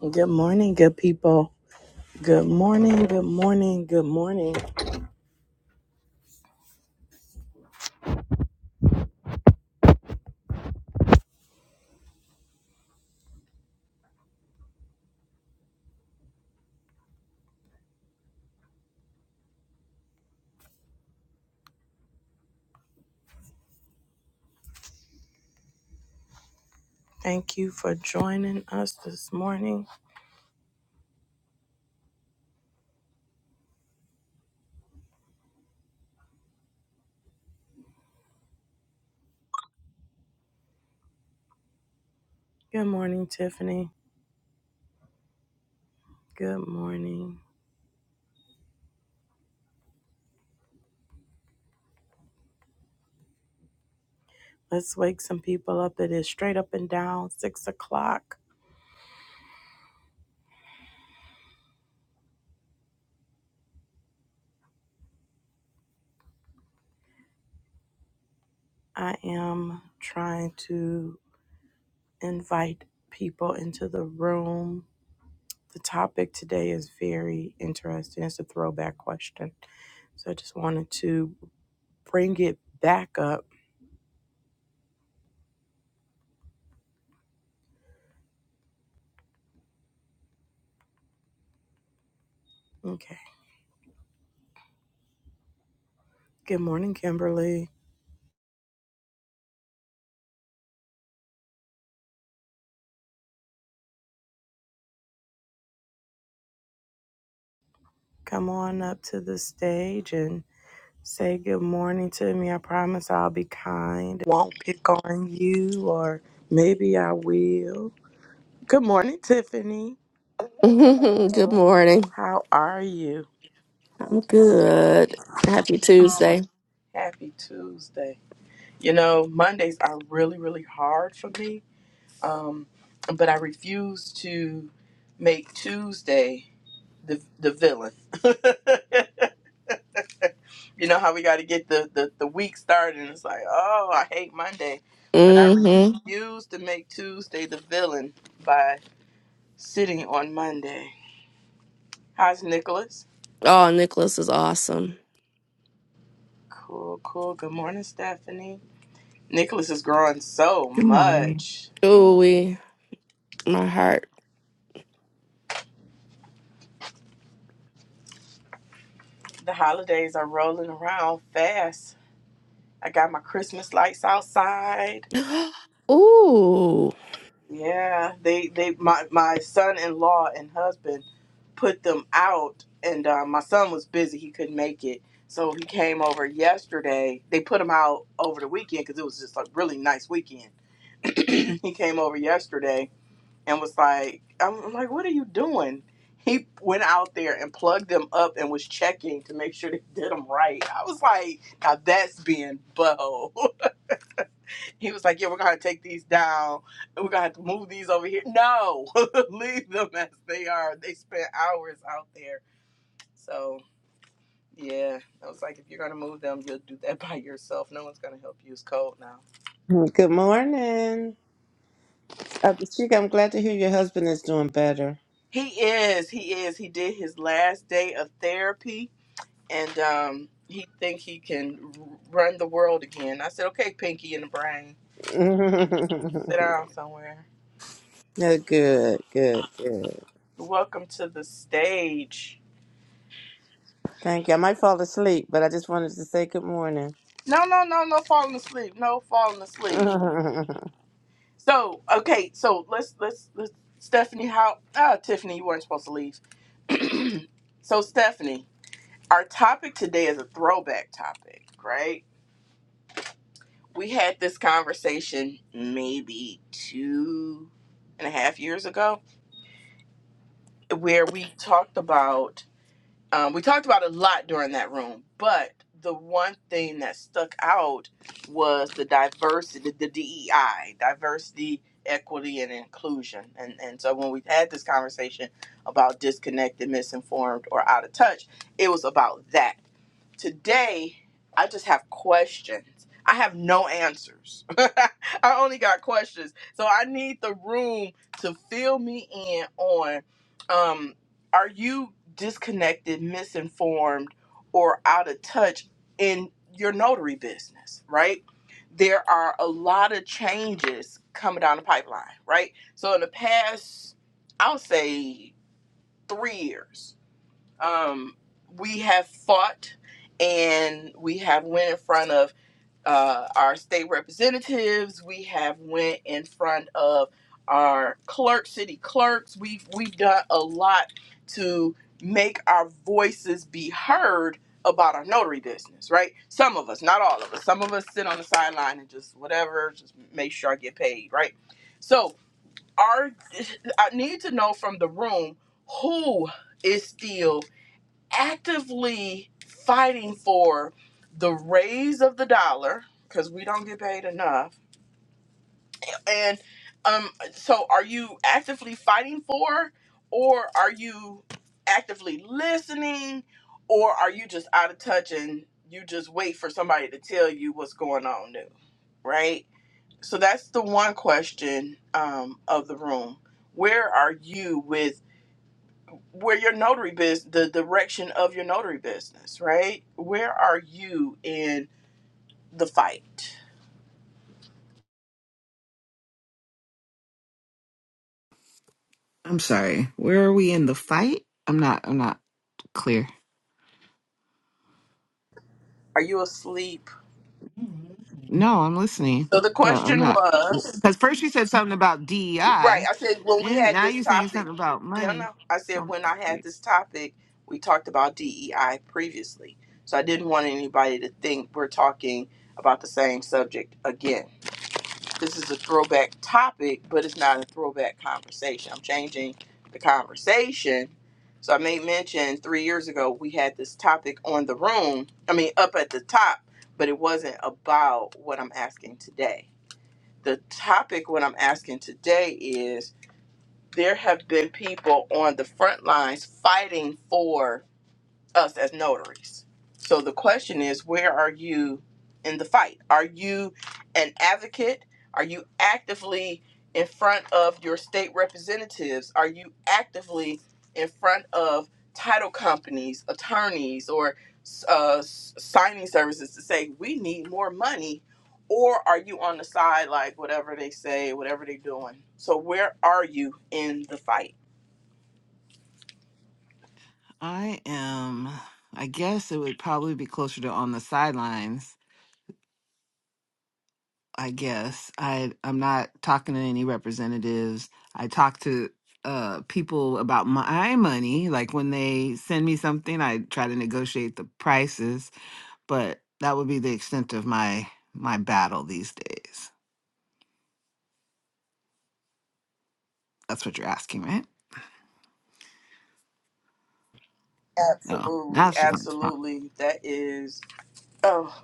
Good morning, good people. Good morning, good morning, good morning. Thank you for joining us this morning. Good morning, Tiffany. Good morning. Let's wake some people up. It is straight up and down, six o'clock. I am trying to invite people into the room. The topic today is very interesting. It's a throwback question. So I just wanted to bring it back up. Okay. Good morning, Kimberly. come on up to the stage and say good morning to me. I promise I'll be kind. Won't pick on you, or maybe I will. Good morning, Tiffany. good morning. How are you? I'm good. Happy Tuesday. Happy Tuesday. You know, Mondays are really, really hard for me, um, but I refuse to make Tuesday the, the villain. You know how we got to get the, the, the week started, and it's like, oh, I hate Monday, but I Mm-hmm. refuse to make Tuesday the villain by sitting on Monday. How's Nicholas? Oh, Nicholas is awesome. Cool, cool. Good morning, Stephanie. Nicholas is growing so Good morning. much. Ooh, my heart. The holidays are rolling around fast. I got my Christmas lights outside. Ooh. Yeah, they they my my son-in-law and husband put them out, and uh, my son was busy; he couldn't make it, so he came over yesterday. They put them out over the weekend because it was just a really nice weekend. he came over yesterday and was like, "I'm I'm like, what are you doing?" He went out there and plugged them up and was checking to make sure they did them right. I was like, "Now that's being bold." He was like, "Yeah, we're gonna have to take these down. We're gonna have to move these over here." No, leave them as they are. They spent hours out there. So yeah, I was like, if you're gonna move them, you'll do that by yourself. No one's gonna help you. It's cold now. Good morning. Uh, Sheikah, I'm glad to hear your husband is doing better. He is. He is. He did his last day of therapy, and um, he think he can run the world again. I said, "Okay, Pinky in the brain, sit down somewhere. Yeah, good, good, good. Welcome to the stage." Thank you. I might fall asleep, but I just wanted to say good morning. No, no, no, no falling asleep. No falling asleep. well, So okay, so let's let's let's Stephanie, how ah Tiffany, you weren't supposed to leave. so Stephanie, our topic today is a throwback topic, right? We had this conversation maybe two and a half years ago, where we talked about Um, we talked about a lot during that room, but the one thing that stuck out was the diversity, the, the DEI, diversity, equity, and inclusion. And and so when we had this conversation about disconnected, misinformed, or out of touch, it was about that today I just have questions. I have no answers. I only got questions. So I need the room to fill me in on um are you disconnected, misinformed or out of touch in your notary business, right? There are a lot of changes coming down the pipeline, right? So in the past I'll say 3 years um, we have fought and we have went in front of uh, our state representatives we have went in front of our clerk city clerks we've we've done a lot to make our voices be heard about our notary business right some of us not all of us some of us sit on the sideline and just whatever just make sure i get paid right so our i need to know from the room who is still actively fighting for the raise of the dollar because we don't get paid enough. And um, so are you actively fighting for, or are you actively listening, or are you just out of touch and you just wait for somebody to tell you what's going on new, right? So that's the one question um, of the room. Where are you with? where your notary business, the direction of your notary business, right? Where are you in the fight? I'm sorry. Where are we in the fight? I'm not. I'm not clear. Are you asleep? No, I'm listening, So the but I'm question not. was, Because first you said something about right? DEI, I said when we then had now this you're saying topic, something about no, no. money. I So said I'm when I had this confused. topic, we talked about DEI previously, so I didn't want anybody to think we're talking about the same subject again. this is a throwback topic, but it's not a throwback conversation. I'm changing the conversation. So I made mention three years ago we had this topic on the room. I mean, up at the top, but it wasn't about what I'm asking today. The topic what I'm asking today is there have been people on the front lines fighting for us as notaries. So the question is, where are you in the fight? Are you an advocate? Are you actively in front of your state representatives? Are you actively in front of title companies, attorneys, or uh, s- signing services to say we need more money? Or are you on the side, like whatever they say, whatever they're doing? So where are you in the fight? I am. I guess it would probably be closer to on the sidelines. I guess I. I'm not talking to any representatives. I talk to uh people about my money like when they send me something i try to negotiate the prices but that would be the extent of my my battle these days. That's what you're asking, right? Oh, now Absolutely, she's on the spot. absolutely. That is Oh,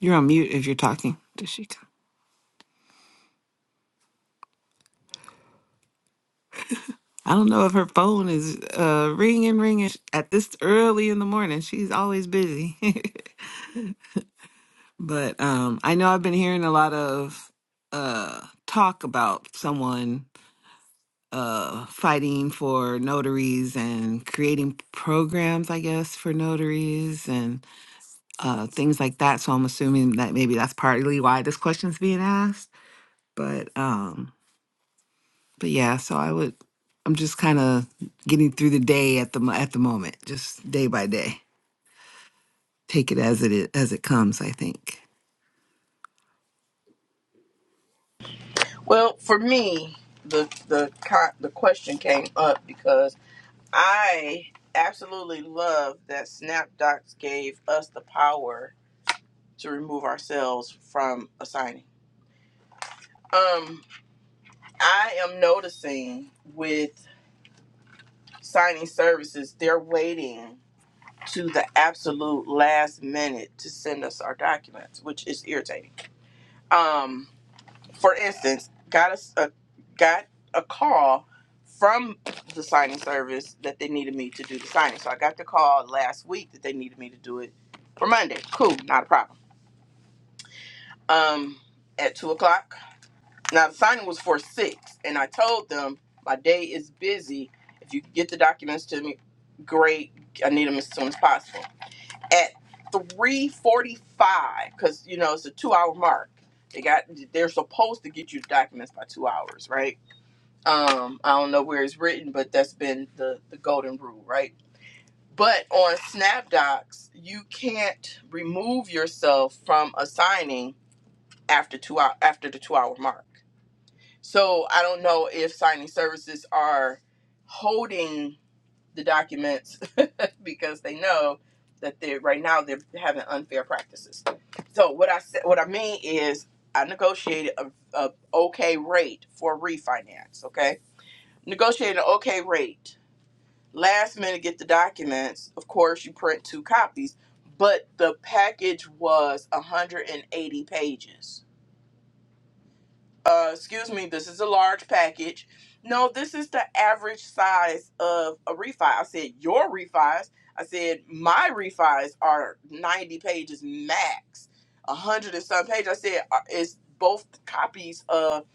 You're on mute if you're talking, Dashika. I don't know if her phone is uh, ringing, ringing at this early in the morning. She's always busy, but um, I know I've been hearing a lot of uh, talk about someone uh, fighting for notaries and creating programs, I guess, for notaries uh, things like that. So I'm assuming that maybe that's partly why this question's being asked. But um, but yeah, so I would. I'm just kind of getting through the day at the mo- at the moment, just day by day. Take it as it i- as it comes. I think. well, for me, the the co- the question came up because I absolutely love that SnapDocs gave us the power to remove ourselves from a signing. Um, I am noticing with signing services, they're waiting to the absolute last minute to send us our documents, which is irritating. Um, for instance, got a a got a call from the signing service that they needed me to do the signing. So I got the call last week that they needed me to do it for Monday. Cool, not a problem. Um, at two o'clock. Now the signing was for six, and I told them my day is busy. If you get the documents to me, great. I need them as soon as possible. At three forty-five, because you know it's a two-hour mark. They got they're supposed to get you the documents by two hours, right? Um, I don't know where it's written, but that's been the, the golden rule, right? But on SnapDocs, you can't remove yourself from a signing after two hour, after the two hour mark. So I don't know if signing services are holding the documents because they know that they are right now they're having unfair practices. So what I said, what I mean is, I negotiated a, a okay rate for refinance. Okay, negotiated an okay rate last minute get the documents. Of course, you print two copies, but the package was 180 pages. Uh, excuse me, this is a large package. No, this is the average size of a refi. I said, Your refis. I said, My refis are 90 pages max, 100 and some pages. I said, "Uh, It's both copies of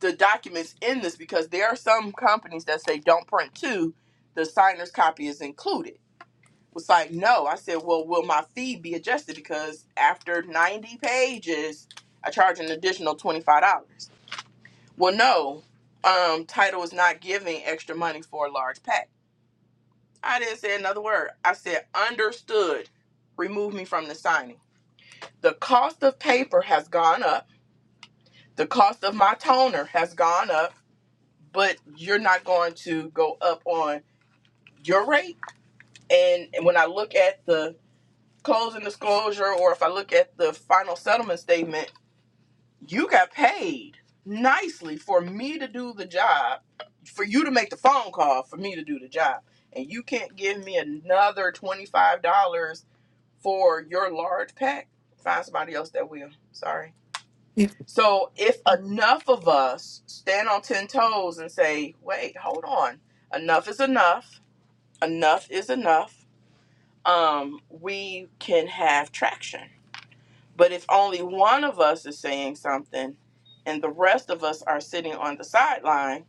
the documents in this because there are some companies that say don't print two, the signer's copy is included was like, no. I said, well, will my fee be adjusted? Because after 90 pages, I charge an additional $25. Well, no, um, title is not giving extra money for a large pack. I didn't say another word. I said, understood. Remove me from the signing. The cost of paper has gone up. The cost of my toner has gone up, but you're not going to go up on your rate. And when I look at the closing disclosure or if I look at the final settlement statement, you got paid nicely for me to do the job, for you to make the phone call, for me to do the job. And you can't give me another $25 for your large pack. Find somebody else that will. Sorry. Yeah. So if enough of us stand on 10 toes and say, wait, hold on, enough is enough, enough is enough, um, we can have traction But if only one of us is saying something and the rest of us are sitting on the sideline,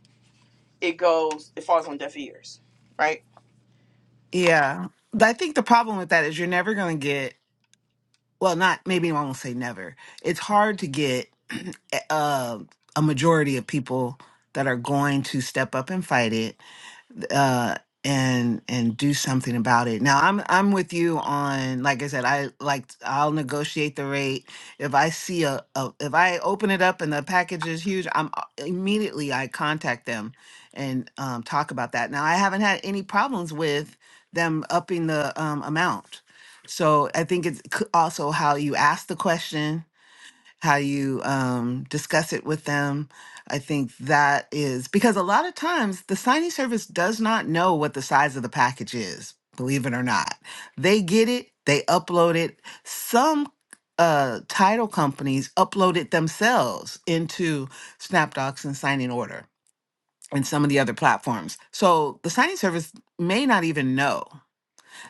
it goes, it falls on deaf ears, right? Yeah. But I think the problem with that is you're never going to get, well, not, maybe I won't say never. It's hard to get a, a majority of people that are going to step up and fight it uh, and and do something about it. Now I'm I'm with you on like I said I like I'll negotiate the rate if I see a, a if I open it up and the package is huge I'm a- immediately I contact them and um, talk about that. Now I haven't had any problems with them upping the um, amount. So I think it's c- also how you ask the question how you um, discuss it with them. I think that is because a lot of times the signing service does not know what the size of the package is, believe it or not. They get it, they upload it. Some uh, title companies upload it themselves into SnapDocs and Signing Order and some of the other platforms. So the signing service may not even know.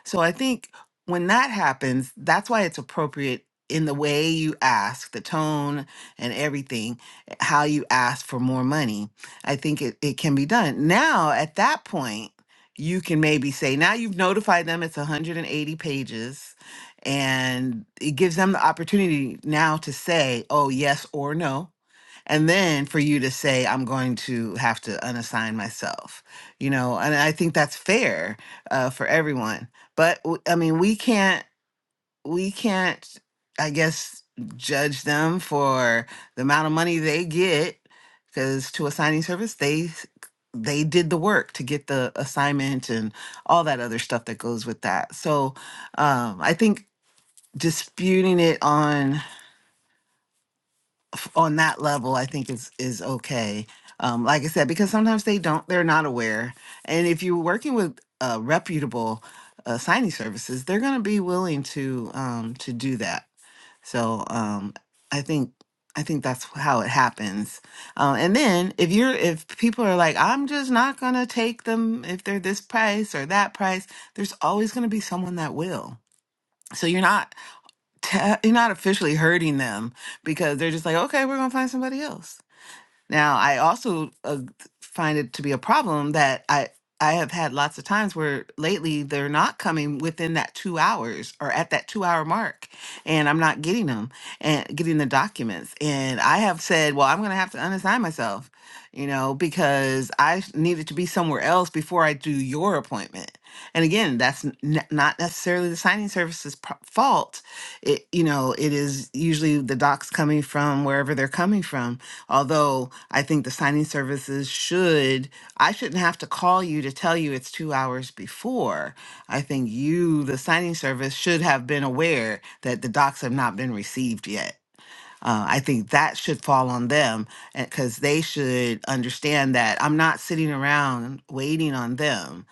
So I think when that happens, that's why it's appropriate in the way you ask, the tone and everything, eh, how you ask for more money. I think it, it can be done. Now, at that point, you can maybe say, now you've notified them it's 180 pages, and it gives them the opportunity now to say, oh, yes or no and then for you to say i'm going to have to unassign myself you know and i think that's fair uh, for everyone but w- i mean we can't we can't i guess judge them for the amount of money they get because to assigning service they s- they did the work to get the assignment and all that other stuff that goes with that so um, i think disputing it on on that level i think is is okay um, like i said because sometimes they don't they're not aware and if you're working with uh, reputable uh, signing services they're going to be willing to um, to do that so um, i think i think that's how it happens uh, and then if you're if people are like i'm just not going to take them if they're this price or that price there's always going to be someone that will so you're not te- you're not officially hurting them because they're just like, okay, we're gonna find somebody else. Now, I also uh, find it to be a problem that I I have had lots of times where lately they're not coming within that two hours or at that two hour mark, and I'm not getting them and getting the documents. And I have said, well, I'm going to have to unassign myself, you know, because I s- needed to be somewhere else before I do your appointment. And again, that's n- n- not necessarily the signing service's pro- fault it you know it is usually the docs coming from wherever they're coming from although i think the signing services should i shouldn't have to call you to tell you it's two hours before i think you the signing service should have been aware that the docs have not been received yet uh, I think that should fall on them because they should understand that I'm not sitting around waiting on them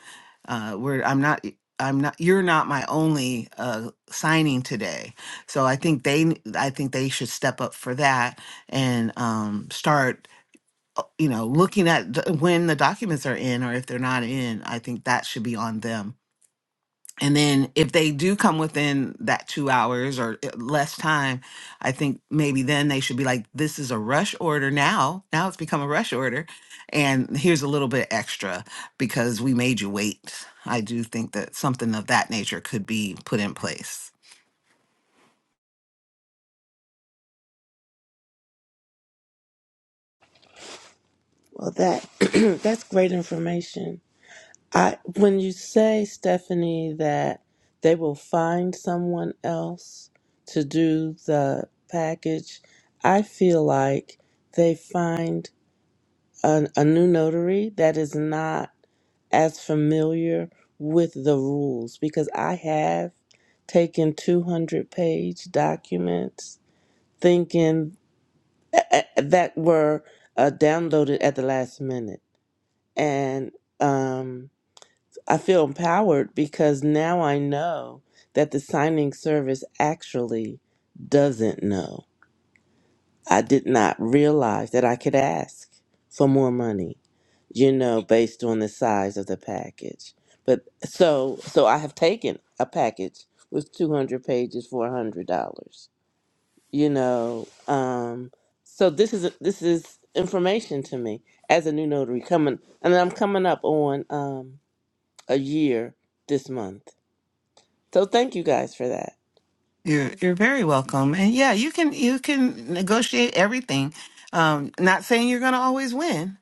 uh, where I'm not. I'm not. You're not my only uh, signing today, so I think they. n- I think they should step up for that and um, start. uh, You know, looking at the, when the documents are in or if they're not in. I think that should be on them and then if they do come within that two hours or i- less time, I think maybe then they should be like, this is a rush order now. Now it's become a rush order. And here's a little bit extra because we made you wait. I do think that something of that nature could be put in place. that that's great information. I when you say Stephanie that they will find someone else to do the package, I feel like they find a, a new notary that is not as familiar with the rules because I have taken 200 page documents thinking a- a- that were uh, downloaded at the last minute. And um, I feel empowered because now I know that the signing service actually doesn't know. I did not realize that I could ask for more money you know, based on the size of the package. But so so I have taken a package with 200 pages for $100. You know, um so this is this is information to me as a new notary coming and I'm coming up on um a year this month. So thank you guys for that. You're you're very welcome. And yeah, you can you can negotiate everything. Um, not saying you're gonna always win,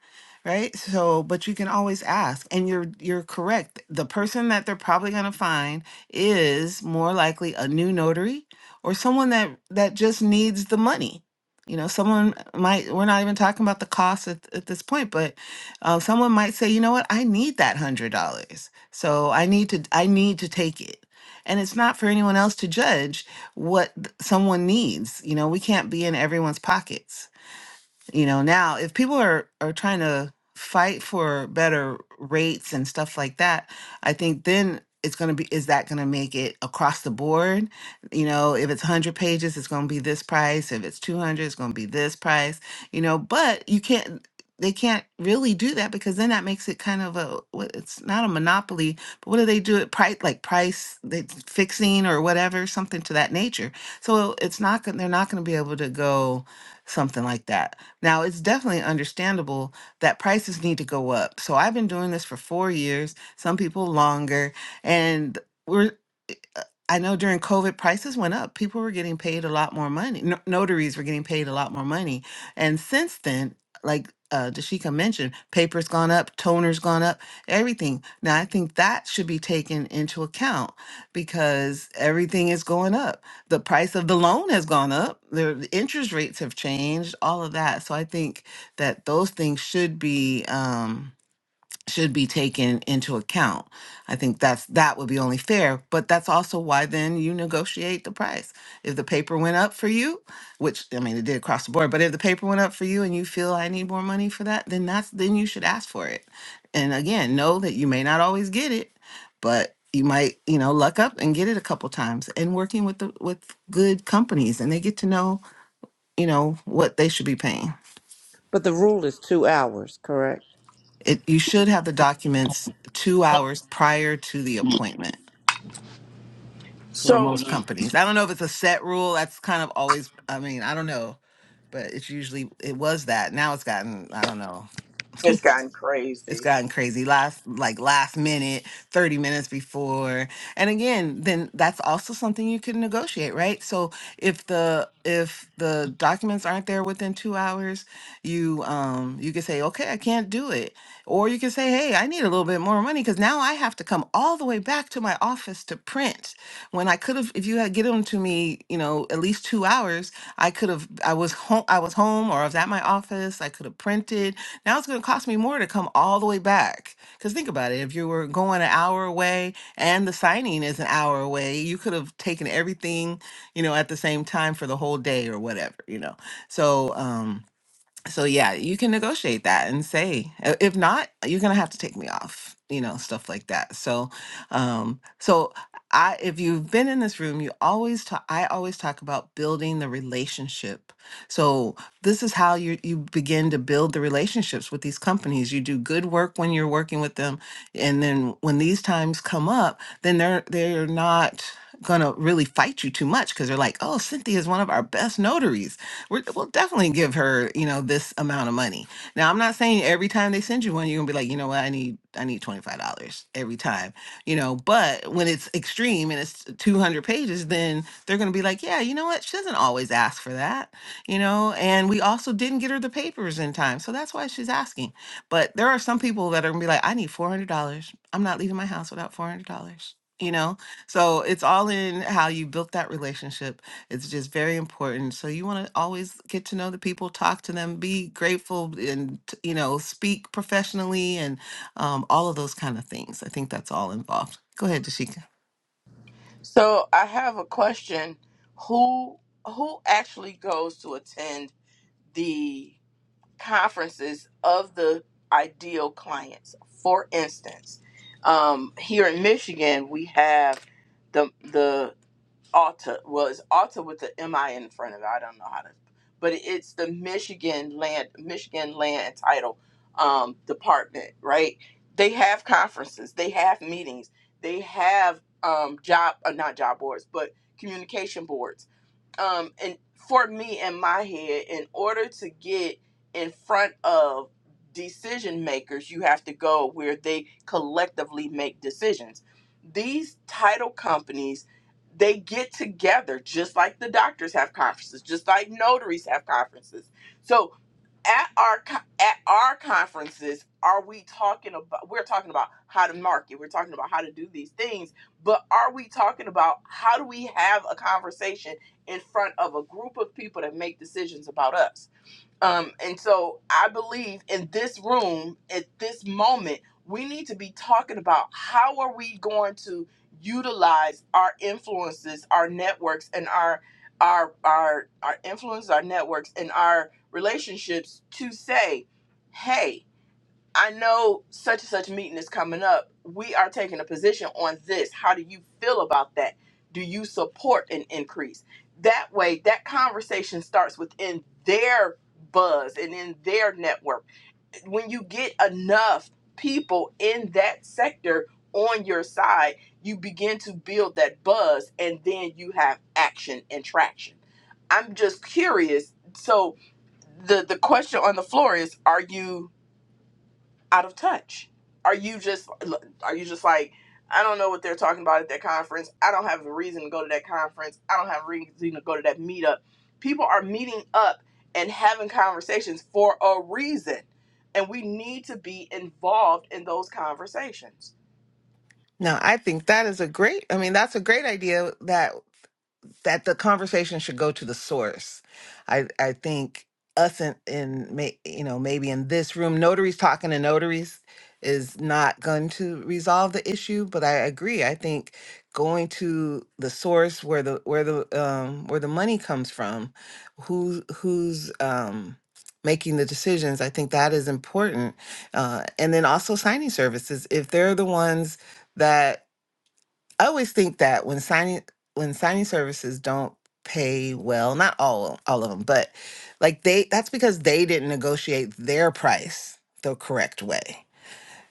right? So, but you can always ask. And you're you're correct. The person that they're probably gonna find is more likely a new notary or someone that that just needs the money. You know, someone might, we're not even talking about the cost at, at this point, but uh, someone might say, you know what, I need that hundred dollars. So I need to, I need to take it. And it's not for anyone else to judge what th- someone needs. You know, we can't be in everyone's pockets you know now if people are are trying to fight for better rates and stuff like that i think then it's going to be is that going to make it across the board you know if it's 100 pages it's going to be this price if it's 200 it's going to be this price you know but you can't they can't really do that because then that makes it kind of a what- it's not a monopoly but what do they do at price like price they fixing or whatever something to that nature so it's not going they're not going to be able to go something like that now, it's definitely understandable that prices need to go up. So I've been doing this for four years, some people longer, and we're eh, uh, I know during COVID prices went up. People were getting paid a lot more money. No, notaries were getting paid a lot more money. And since then, like uh, Dashika mentioned, paper's gone up, toner's gone up, everything. Now I think that should be taken into account because everything is going up the price of the loan has gone up, the the interest rates have changed, all of that. So I think that those things should be. Um, should be taken into account. I think that's that would be only fair, but that's also why then you negotiate the price. If the paper went up for you, which I mean it did across the board, but if the paper went up for you and you feel I need more money for that, then that's then you should ask for it. And again, know that you may not always get it, but you might, you know, luck up and get it a couple times and working with the with good companies and they get to know, you know, what they should be paying. But the rule is 2 hours, correct? It, you should have the documents two hours prior to the appointment for Cool. So most Mhm. companies. I don't know if it's a set rule. That's kind of always, I mean, I don't know, but it's usually, it was that. Now it's gotten, I don't know. it's gotten It's crazy. gotten crazy. Last like last minute, 30 minutes before. And again, then that's also something you can negotiate, right? So if the if the documents aren't there within 2 hours, you um you can say, "Okay, I can't do it." Or you can say, "Hey, I need a little bit more money cuz now I have to come all the way back to my office to print." When I could have if you had given them to me, you know, at least 2 hours, I could have I was home I was home or I was at my office, I could have printed now it's going to cost me more to come all the way back. Because think about it if you were going an hour away and the signing is an hour away, you could have taken everything, you know, at the same time for the whole day or whatever, you know. So, um, so yeah, you can negotiate that and say, "I- if not, you're gonna have to take me off, you know, stuff like that. So, um, so I, if you've been in this room, you always talk. I always talk about building the relationship. So this is how you you begin to build the relationships with these companies. You do good work when you're working with them, and then when these times come up, then they're they're not gonna really fight you too much because they're like, oh, Cynthia is one of our best notaries we're, we'll definitely give her, you know, this amount of money. Now, I'm not saying every time they send you one, you're gonna be like, you know what, I need, I need twenty five dollars every time, you know. But when it's extreme and it's two hundred pages, then they're gonna be like, yeah, you know what, she doesn't always ask for that, you know. And we also didn't get her the papers in time, so that's why she's asking. But there are some people that are gonna be like, I need four hundred dollars. I'm not leaving my house without four hundred dollars. You know, so it's all in how you built that relationship it's just very important. So you want to always get to know the people, talk to them, be grateful, and t- you know, speak professionally, and um, all of those kind of things. I think that's all involved. Go ahead, Dashika. So I have a question. Who who actually goes to attend the conferences of the ideal clients? For instance, um, here in Michigan, we have the the Alta. Well, it's Alta with the M I in front of it. I don't know how to, but it's the Michigan Land Michigan Land and Title um, Department, right? They have conferences, they have meetings, they have um, job uh, not job boards, but communication boards um and for me in my head in order to get in front of decision makers you have to go where they collectively make decisions these title companies they get together just like the doctors have conferences just like notaries have conferences so at our co- at our conferences are we talking about we're talking about how to market we're talking about how to do these things but are we talking about how do we have a conversation in front of a group of people that make decisions about us um, and so I believe in this room at this moment, we need to be talking about how are we going to utilize our influences, our networks, and our our our our influence, our networks, and our relationships to say, hey. I know such and such meeting is coming up. We are taking a position on this. How do you feel about that? Do you support an increase? That way, that conversation starts within their buzz and in their network. When you get enough people in that sector on your side, you begin to build that buzz and then you have action and traction. I'm just curious. So, the, the question on the floor is Are you out of touch? Are you just are you just like I don't know what they're talking about at that conference. I don't have a reason to go to that conference. I don't have a reason to go to that meetup. People are meeting up and having conversations for a reason. And we need to be involved in those conversations. No, I think that is a great. I mean, that's a great idea. That that the conversation should go to the source. I I think us in, in may, you know maybe in this room, notaries talking to notaries is not going to resolve the issue. But I agree. I think going to the source where the where the um, where the money comes from, who who's um, making the decisions. I think that is important. Uh, and then also signing services if they're the ones that I always think that when signing when signing services don't pay well, not all all of them, but like they that's because they didn't negotiate their price the correct way.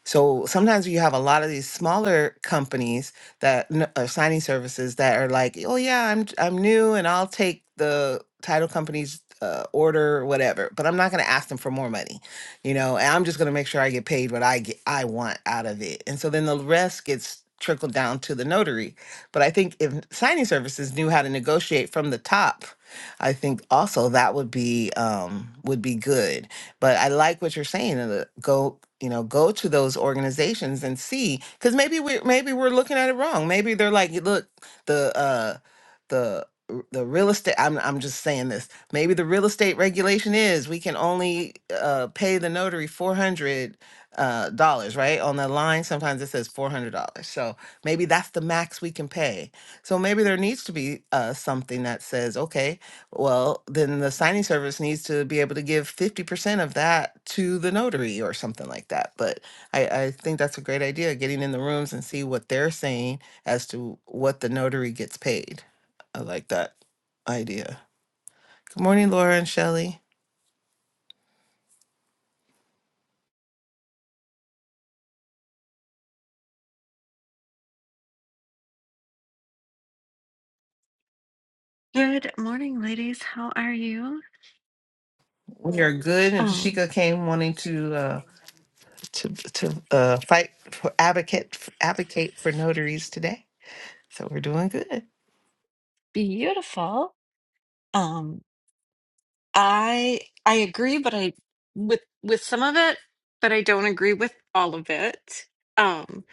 So sometimes you have a lot of these smaller companies that n- are signing services that are like, oh yeah, I'm I'm new and I'll take the title company's uh, order whatever, but I'm not going to ask them for more money, you know. And I'm just going to make sure I get paid what I get I want out of it. And so then the rest gets trickled down to the notary. But I think if signing services knew how to negotiate from the top, I think also that would be um, would be good but I like what you're saying. And uh, go, you know, go to those organizations and see, because maybe we maybe we're looking at it wrong. Maybe they're like, "Hey, look, the uh, the r- the real estate. I'm I'm just saying this. Maybe the real estate regulation is we can only uh, pay the notary four hundred uh, dollars, right? On the line, sometimes it says four hundred dollars. So maybe that's the max we can pay. So maybe there needs to be uh, something that says, okay well, then the signing service needs to be able to give 50% of that to the notary or something like that. But I, I think that's a great idea, getting in the rooms and see what they're saying as to what the notary gets paid. I like that idea. Good morning, Laura and Shelley. Good morning, ladies. How are you? We are good. And Um, Tashika came wanting to uh, to to uh, fight for advocate advocate for notaries today. So we're doing good. beautiful. Um, I I agree, but I with with some of it, but I don't agree with all of it. Um,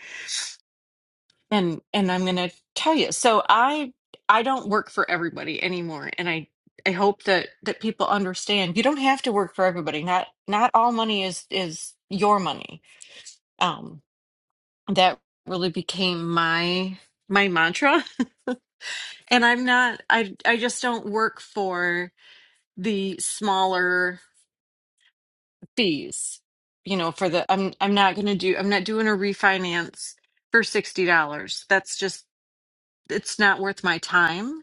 and and I'm gonna tell you. So I I don't work for everybody anymore, and I I hope that that people understand you don't have to work for everybody. Not not all money is is your money. Um, that really became my my mantra And I'm not I I just don't work for the smaller fees. You know, for the I'm I'm not going to do I'm not doing a refinance for $60. That's just it's not worth my time.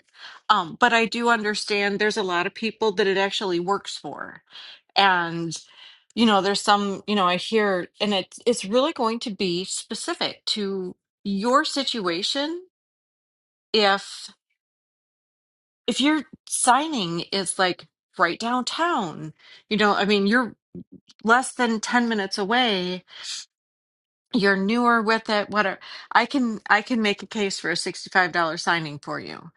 Um but I do understand there's a lot of people that it actually works for. And you know, there's some, you know, I hear and it's it's really going to be specific to your situation if if your signing is like right downtown, you know, I mean, you're less than 10 minutes away, you're newer with it, whatever. I can I can make a case for a $65 signing for you.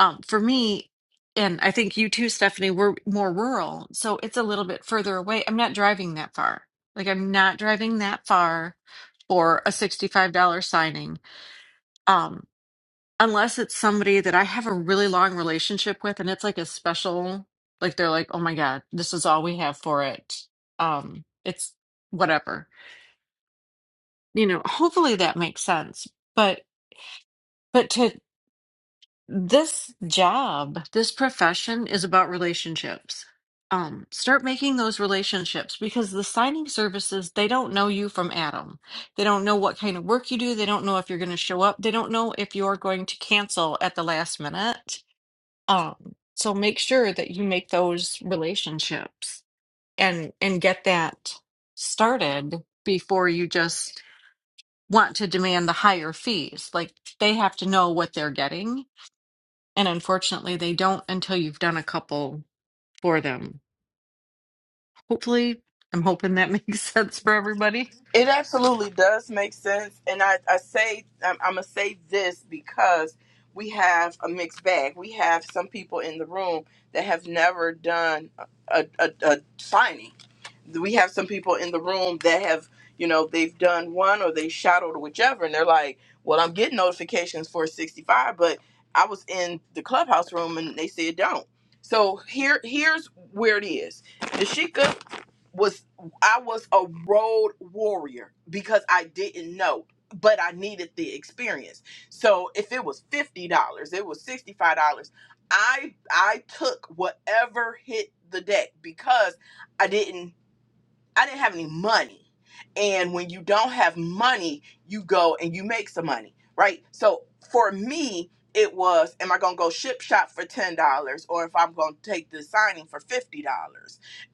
Um, for me, and I think you too, Stephanie, we're more rural, so it's a little bit further away. I'm not driving that far. Like I'm not driving that far for a $65 signing. Um, unless it's somebody that I have a really long relationship with and it's like a special like they're like, "Oh my god, this is all we have for it." Um it's whatever. You know, hopefully that makes sense. But but to this job, this profession is about relationships. Um start making those relationships because the signing services, they don't know you from Adam. They don't know what kind of work you do. They don't know if you're going to show up. They don't know if you're going to cancel at the last minute Um, so make sure that you make those relationships and and get that started before you just want to demand the higher fees. Like they have to know what they're getting, and unfortunately they don't until you've done a couple for them. Hopefully, I'm hoping that makes sense for everybody. It absolutely does make sense, and I, I say I'm, I'm gonna say this because we have a mixed bag. We have some people in the room that have never done a, a, a signing. We have some people in the room that have, you know, they've done one or they shadowed or whichever, and they're like, "Well, I'm getting notifications for 65, but I was in the clubhouse room and they said don't." So here, here's where it is was I was a road warrior because I didn't know, but I needed the experience. So if it was fifty dollars, it was sixty five dollars. I I took whatever hit the deck because I didn't I didn't have any money. And when you don't have money, you go and you make some money, right? So for me, it was am I going to go ship shop for $10 or if I'm going to take the signing for $50?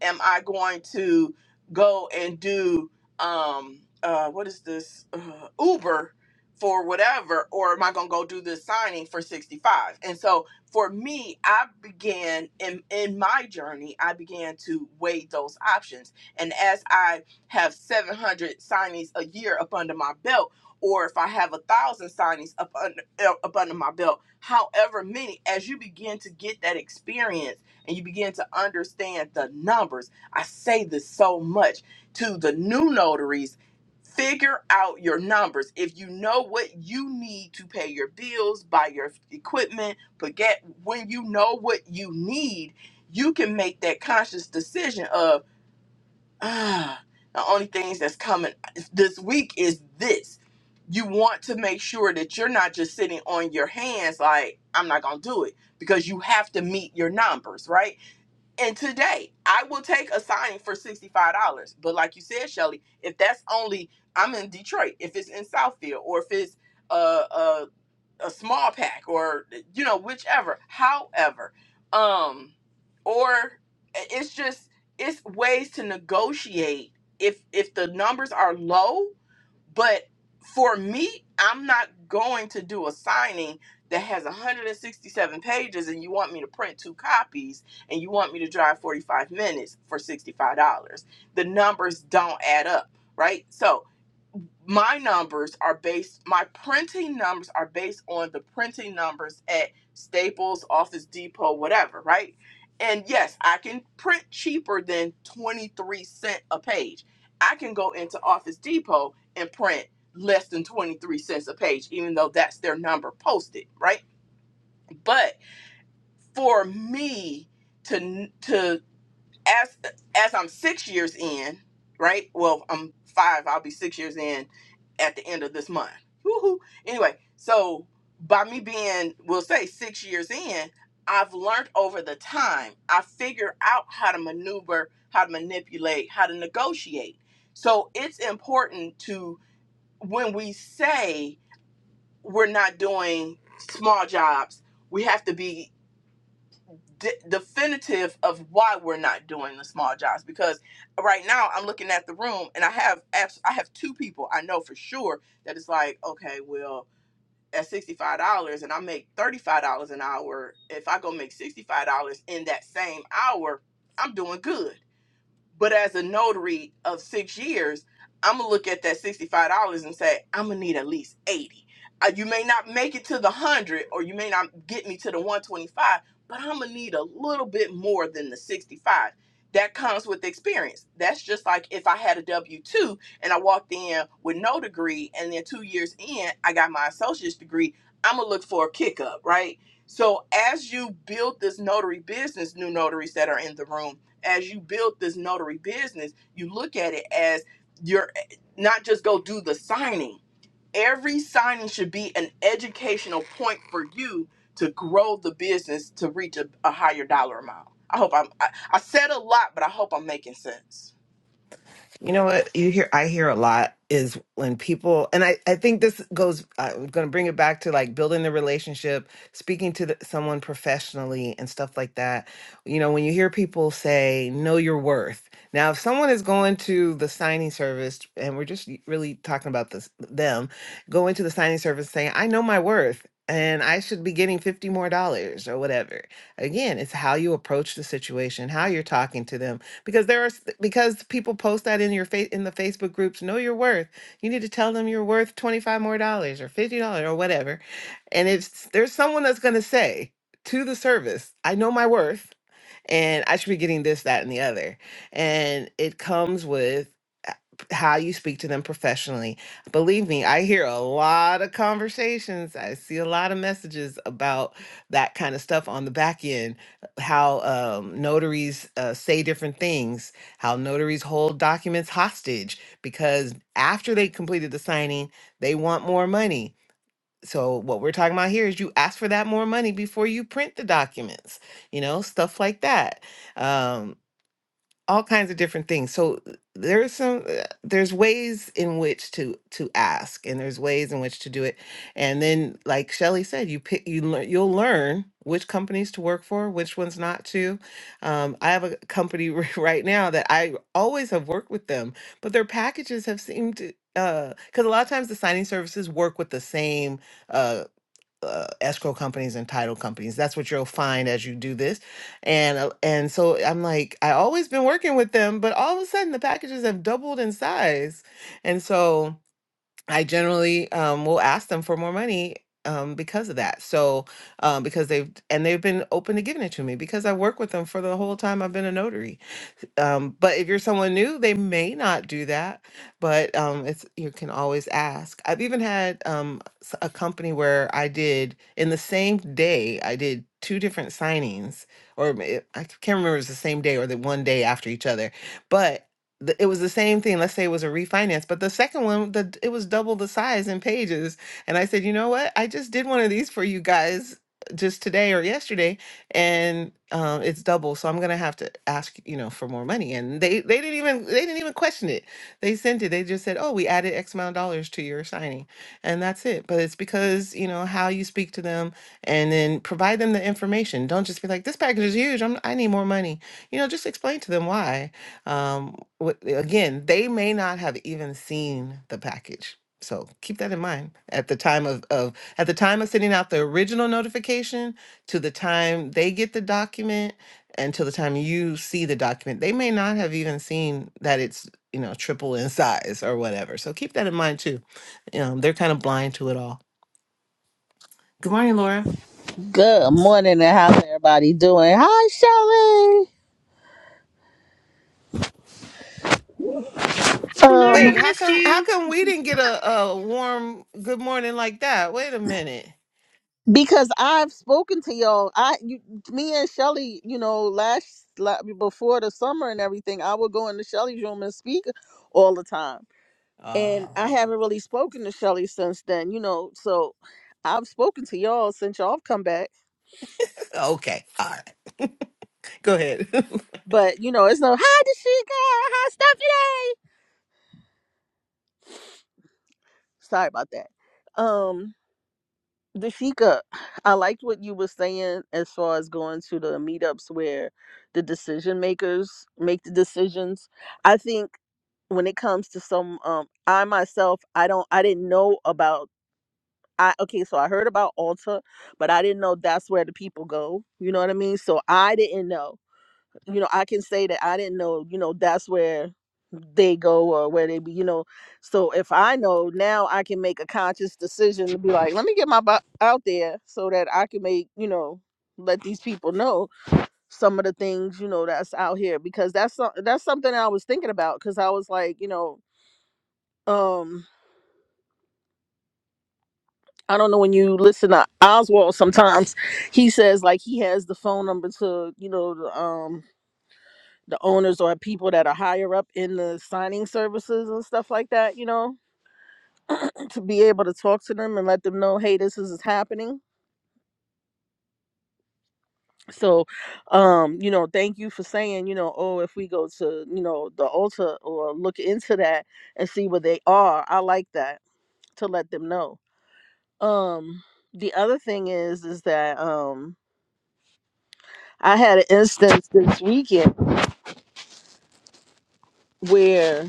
Am I going to go and do um uh what is this uh, Uber for whatever or am I going to go do this signing for 65? And so for me, I began in in my journey, I began to weigh those options and as I have 700 signings a year up under my belt, or if I have a thousand signings up under, uh, up under my belt, however many, as you begin to get that experience and you begin to understand the numbers, I say this so much to the new notaries figure out your numbers. If you know what you need to pay your bills, buy your equipment, forget when you know what you need, you can make that conscious decision of ah, the only things that's coming this week is this. You want to make sure that you're not just sitting on your hands like, I'm not going to do it because you have to meet your numbers, right? And today, I will take a signing for $65. But like you said, Shelly, if that's only, I'm in Detroit, if it's in Southfield or if it's, uh. uh, a small pack or you know whichever however um or it's just it's ways to negotiate if if the numbers are low but for me i'm not going to do a signing that has 167 pages and you want me to print two copies and you want me to drive 45 minutes for $65 the numbers don't add up right so my numbers are based my printing numbers are based on the printing numbers at Staples, Office Depot, whatever, right? And yes, I can print cheaper than 23 cent a page. I can go into Office Depot and print less than 23 cents a page even though that's their number posted, right? But for me to to as as I'm six years in, right? Well, I'm five. I'll be six years in at the end of this month. Woohoo! Anyway, so by me being, we'll say six years in, I've learned over the time. I figure out how to maneuver, how to manipulate, how to negotiate. So it's important to when we say we're not doing small jobs, we have to be de- definitive of why we're not doing the small jobs because right now I'm looking at the room and I have abs- I have two people I know for sure that it's like okay well at $65 and I make $35 an hour if I go make $65 in that same hour I'm doing good but as a notary of six years, I'm gonna look at that sixty-five dollars and say I'm gonna need at least eighty. Uh, you may not make it to the hundred, or you may not get me to the one twenty-five, but I'm gonna need a little bit more than the sixty-five. That comes with experience. That's just like if I had a W two and I walked in with no degree, and then two years in, I got my associate's degree. I'm gonna look for a kick up, right? So as you build this notary business, new notaries that are in the room as you build this notary business, you look at it as you're not just go do the signing. Every signing should be an educational point for you to grow the business to reach a, a higher dollar amount. I hope I'm, I, I said a lot, but I hope I'm making sense. You know what you hear? I hear a lot is when people, and I, I think this goes. uh, I'm going to bring it back to like building the relationship, speaking to the, someone professionally, and stuff like that. You know, when you hear people say, "Know your worth." Now, if someone is going to the signing service, and we're just really talking about this, them going to the signing service saying, "I know my worth." And I should be getting 50 more dollars or whatever. Again, it's how you approach the situation, how you're talking to them, because there are s- because people post that in your face in the Facebook groups. Know your worth. You need to tell them you're worth twenty five more dollars or fifty dollars or whatever. And if there's someone that's going to say to the service, "I know my worth," and I should be getting this, that, and the other. And it comes with uh, how you speak to them professionally. Believe me, I hear a lot of conversations. I see a lot of messages about that kind of stuff on the back end, uh, how um, notaries uh, say different things, how notaries hold documents hostage because after they completed the signing, they want more money. So what we're talking about here is you ask for that more money before you print the documents, you know, stuff like that. Um, all kinds of different things. So there's some uh, there's ways in which to to ask and there's ways in which to do it. And then like Shelly said, you pick you learn you'll learn which companies to work for, which ones not to. Um, I have a company right now that I always have worked with them, but their packages have seemed to because a lot of times the signing services work with the same uh, uh, escrow companies and title companies. That's what you'll find as you do this. And uh, and so I'm like, I always been working with them, but all of a sudden the packages have doubled in size, and so I generally um, will ask them for more money. Um, because of that, so um, because they've and they've been open to giving it to me because I work with them for the whole time I've been a notary, um, but if you're someone new, they may not do that. But um, it's you can always ask. I've even had um, s- a company where I did in the same day I did two different signings, or ma- it- I can't remember if it was the same day or the one day after each other. But the, it was the same thing. Let's say it was a refinance, but the second one, the d- it was double the size in pages. And I said, you know what? I just did one of these for you guys uh, just today or yesterday and um, it's double. So I'm gonna have to ask, you know, for more money. And they they didn't even they didn't even question it. They sent it. They just said, oh, we added X amount of dollars to your signing, and that's it. But it's because you know how you speak to them, and then provide them the information. Don't just be like, this package is huge. I'm I need more money. You know, just explain to them why. Um, what, again, they may not have even seen the package. So keep that in mind at the time of, of at the time of sending out the original notification to the time they get the document and to the time you see the document they may not have even seen that it's you know triple in size or whatever so keep that in mind too You know they're kind of blind to it all good morning laura Good morning and how's everybody doing? Hi Shelly. Hi, Laura, I wait how missed come how you. come we didn't get a, a warm good morning like that wait a minute Because I've spoken to y'all. I you, me and Shelly, you know, last la- before the summer and everything, I would go into Shelly's room and speak all the time. uh, And I haven't really spoken to Shelly since then, you know. So I've spoken to y'all since y'all have come back. okay all right go ahead But you know, it's no hi Dashika, hi Stephanie. Sorry about that. Um Dashika, I liked what you were saying as far as going to the meetups where the decision makers make the decisions. I think when it comes to some, um, I myself, I don't, I didn't know about. I okay, so I heard about Alta, but I didn't know that's where the people go. You know what I mean? So I didn't know you know i can say that i didn't know you know that's where they go or where they be you know so if i know now i can make a conscious decision to be like let me get my butt out there so that i can make you know let these people know some of the things you know that's out here because that's so- that's something i was thinking about because i was like you know um i don't know when you listen to oswald sometimes he says like he has the phone number to you know the, um the owners or people that are higher up in the signing services and stuff like that, you know, to be able to talk to them and let them know, hey, this is happening. So, um, you know, thank you for saying, you know, oh, if we go to, you know, the Ulta or look into that and see what they are. I like that to let them know. Um, the other thing is, is that um, I had an instance this weekend where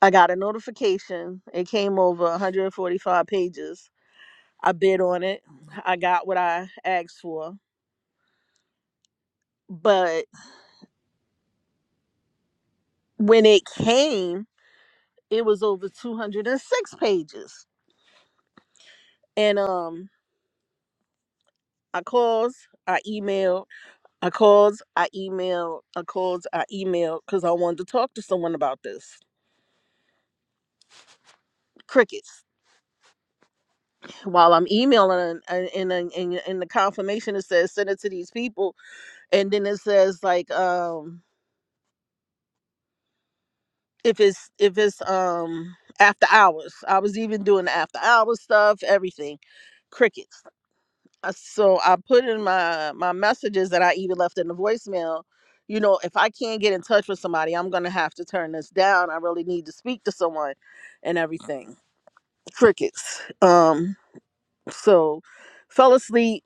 I got a notification. It came over 145 pages I bid on it. I got what I asked for. But when it came, it was over 206 pages. And um I called, I emailed, I called, I emailed, I called, I emailed because I wanted to talk to someone about this. Crickets. While I'm emailing and in in, in in the confirmation it says send it to these people and then it says like um if it's if it's um after hours i was even doing the after hours stuff everything crickets Uh, so i put in my my messages that i even left in the voicemail you know if i can't get in touch with somebody i'm gonna have to turn this down i really need to speak to someone and everything crickets um so fell asleep.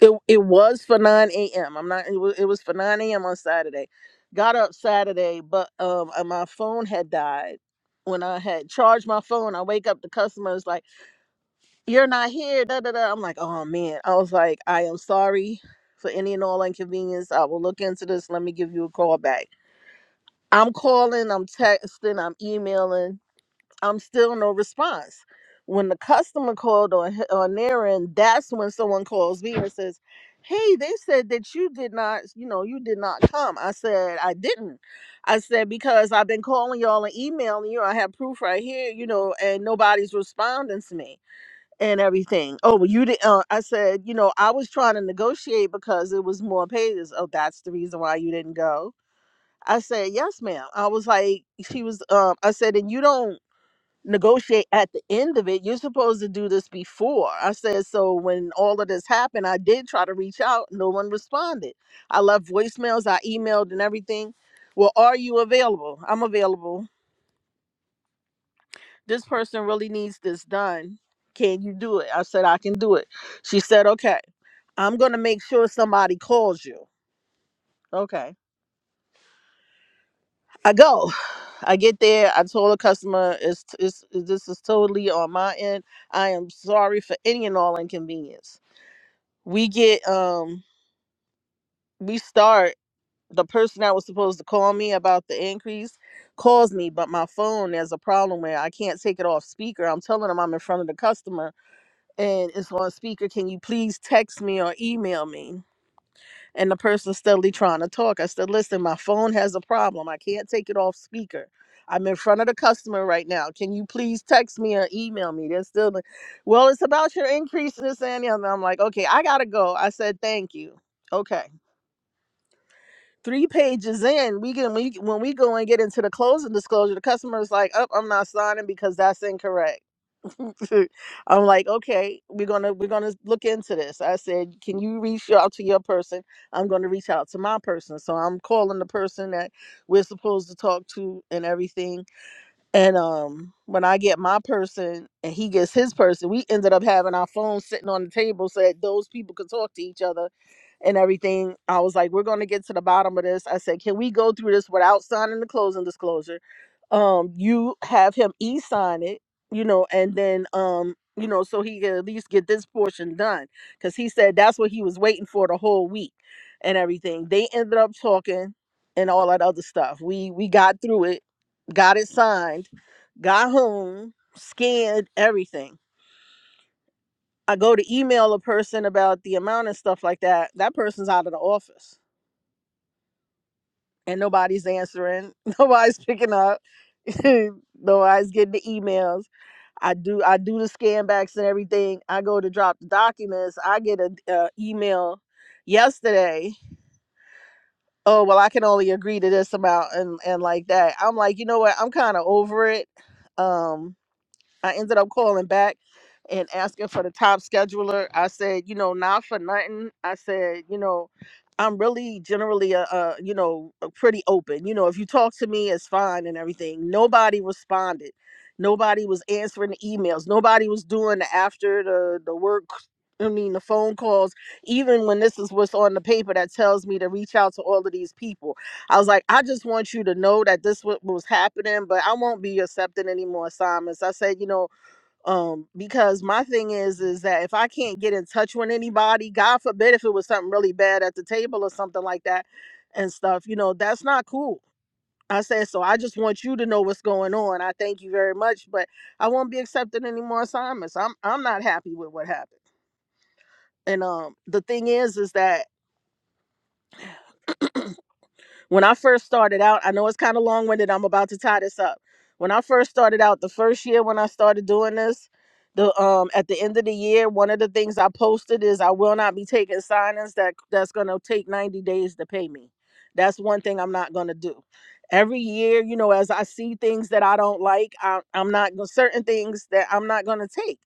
It it was for 9 a.m. I'm not it was, it was for 9 a.m. on Saturday. Got up Saturday, but um uh, my phone had died. When I had charged my phone, I wake up the customer is like, You're not here, da da da. I'm like, oh man. I was like, I am sorry for any and all inconvenience. I will look into this. Let me give you a call back. I'm calling, I'm texting, I'm emailing I'm still no response. When the customer called on he- on their end, that's when someone calls me and says, "Hey, they said that you did not, you know, you did not come." I said, "I didn't." I said because I've been calling y'all and emailing you. I have proof right here, you know, and nobody's responding to me and everything. Oh, well, you did. Uh, I said, you know, I was trying to negotiate because it was more pages. Oh, that's the reason why you didn't go. I said, yes, ma'am. I was like, she was, um, I said, and you don't negotiate at the end of it. You're supposed to do this before. I said, so when all of this happened, I did try to reach out. No one responded. I left voicemails, I emailed and everything. Well, are you available? I'm available. This person really needs this done. Can you do it? I said, I can do it. She said, okay, I'm going to make sure somebody calls you. Okay. I go. I get there. I told the customer, it's, it's, this is totally on my end. I am sorry for any and all inconvenience. we get um we start the person that was supposed to call me about the increase calls me but my phone has a problem where i can't take it off speaker i'm telling them i'm in front of the customer and it's on speaker can you please text me or email me and the person's steadily trying to talk i said listen my phone has a problem i can't take it off speaker i'm in front of the customer right now can you please text me or email me they're still like, well it's about your increase in this and the other i'm like okay i gotta go i said thank you okay three pages in, we get when we when we go and get into the closing disclosure, the customer's like, "Oh, I'm not signing because that's incorrect." I'm like, "Okay, we're gonna we're gonna look into this." I said, "Can you reach out to your person?" I'm gonna reach out to my person, so I'm calling the person that we're supposed to talk to and everything and um, when I get my person and he gets his person, we ended up having our phones sitting on the table so that those people could talk to each other and everything. I was like, we're going to get to the bottom of this. I said, can we go through this without signing the closing disclosure? Um, you have him e sign it, you know, and then, um, you know, so he can at least get this portion done. Cause he said that's what he was waiting for the whole week and everything. They ended up talking and all that other stuff. We, we got through it, got it signed got home, scanned everything. I go to email a person about the amount and stuff like that. That person's out of the office and nobody's answering. Nobody's picking up. nobody's getting the emails. I do I do the scan backs and everything. I go to drop the documents. I get an email yesterday. Oh well, I can only agree to this amount and and like that. I'm like, you know what? I'm kind of over it. Um, I ended up calling back and asking for the top scheduler. I said, you know, not for nothing. I said, you know, I'm really generally a, a you know, a pretty open. You know, if you talk to me, it's fine and everything. Nobody responded. Nobody was answering the emails. Nobody was doing the after the the work. I mean, the phone calls. Even when this is what's on the paper that tells me to reach out to all of these people I was like, I just want you to know that this what was happening, but I won't be accepting any more assignments. I said, you know, um, because my thing is, is that if I can't get in touch with anybody, God forbid if it was something really bad at the table or something like that and stuff, you know, that's not cool. I said, so I just want you to know what's going on. I thank you very much, but I won't be accepting any more assignments. I'm I'm not happy with what happened. And um the thing is is that When I first started out, I know it's kind of long winded. I'm about to tie this up. When I first started out, the first year when I started doing this, the um at the end of the year, one of the things I posted is I will not be taking signings that that's gonna take 90 days to pay me. That's one thing I'm not gonna do. Every year, you know, as I see things that I don't like, I, I'm not gonna certain things that I'm not gonna take.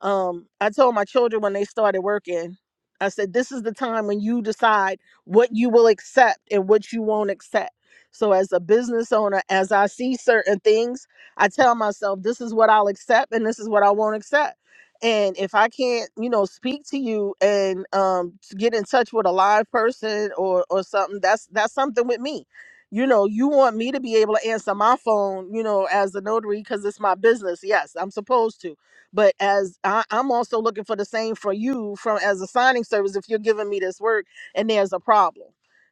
Um, I told my children when they started working, I said, this is the time when you decide what you will accept and what you won't accept. So, as a business owner, as I see certain things, I tell myself, this is what I'll accept and this is what I won't accept. And if I can't, you know, speak to you and um, to get in touch with a live person or or something, that's that's something with me. You know, you want me to be able to answer my phone, you know, as a notary because it's my business. Yes, I'm supposed to. But as I, I'm also looking for the same for you from as a signing service, if you're giving me this work and there's a problem.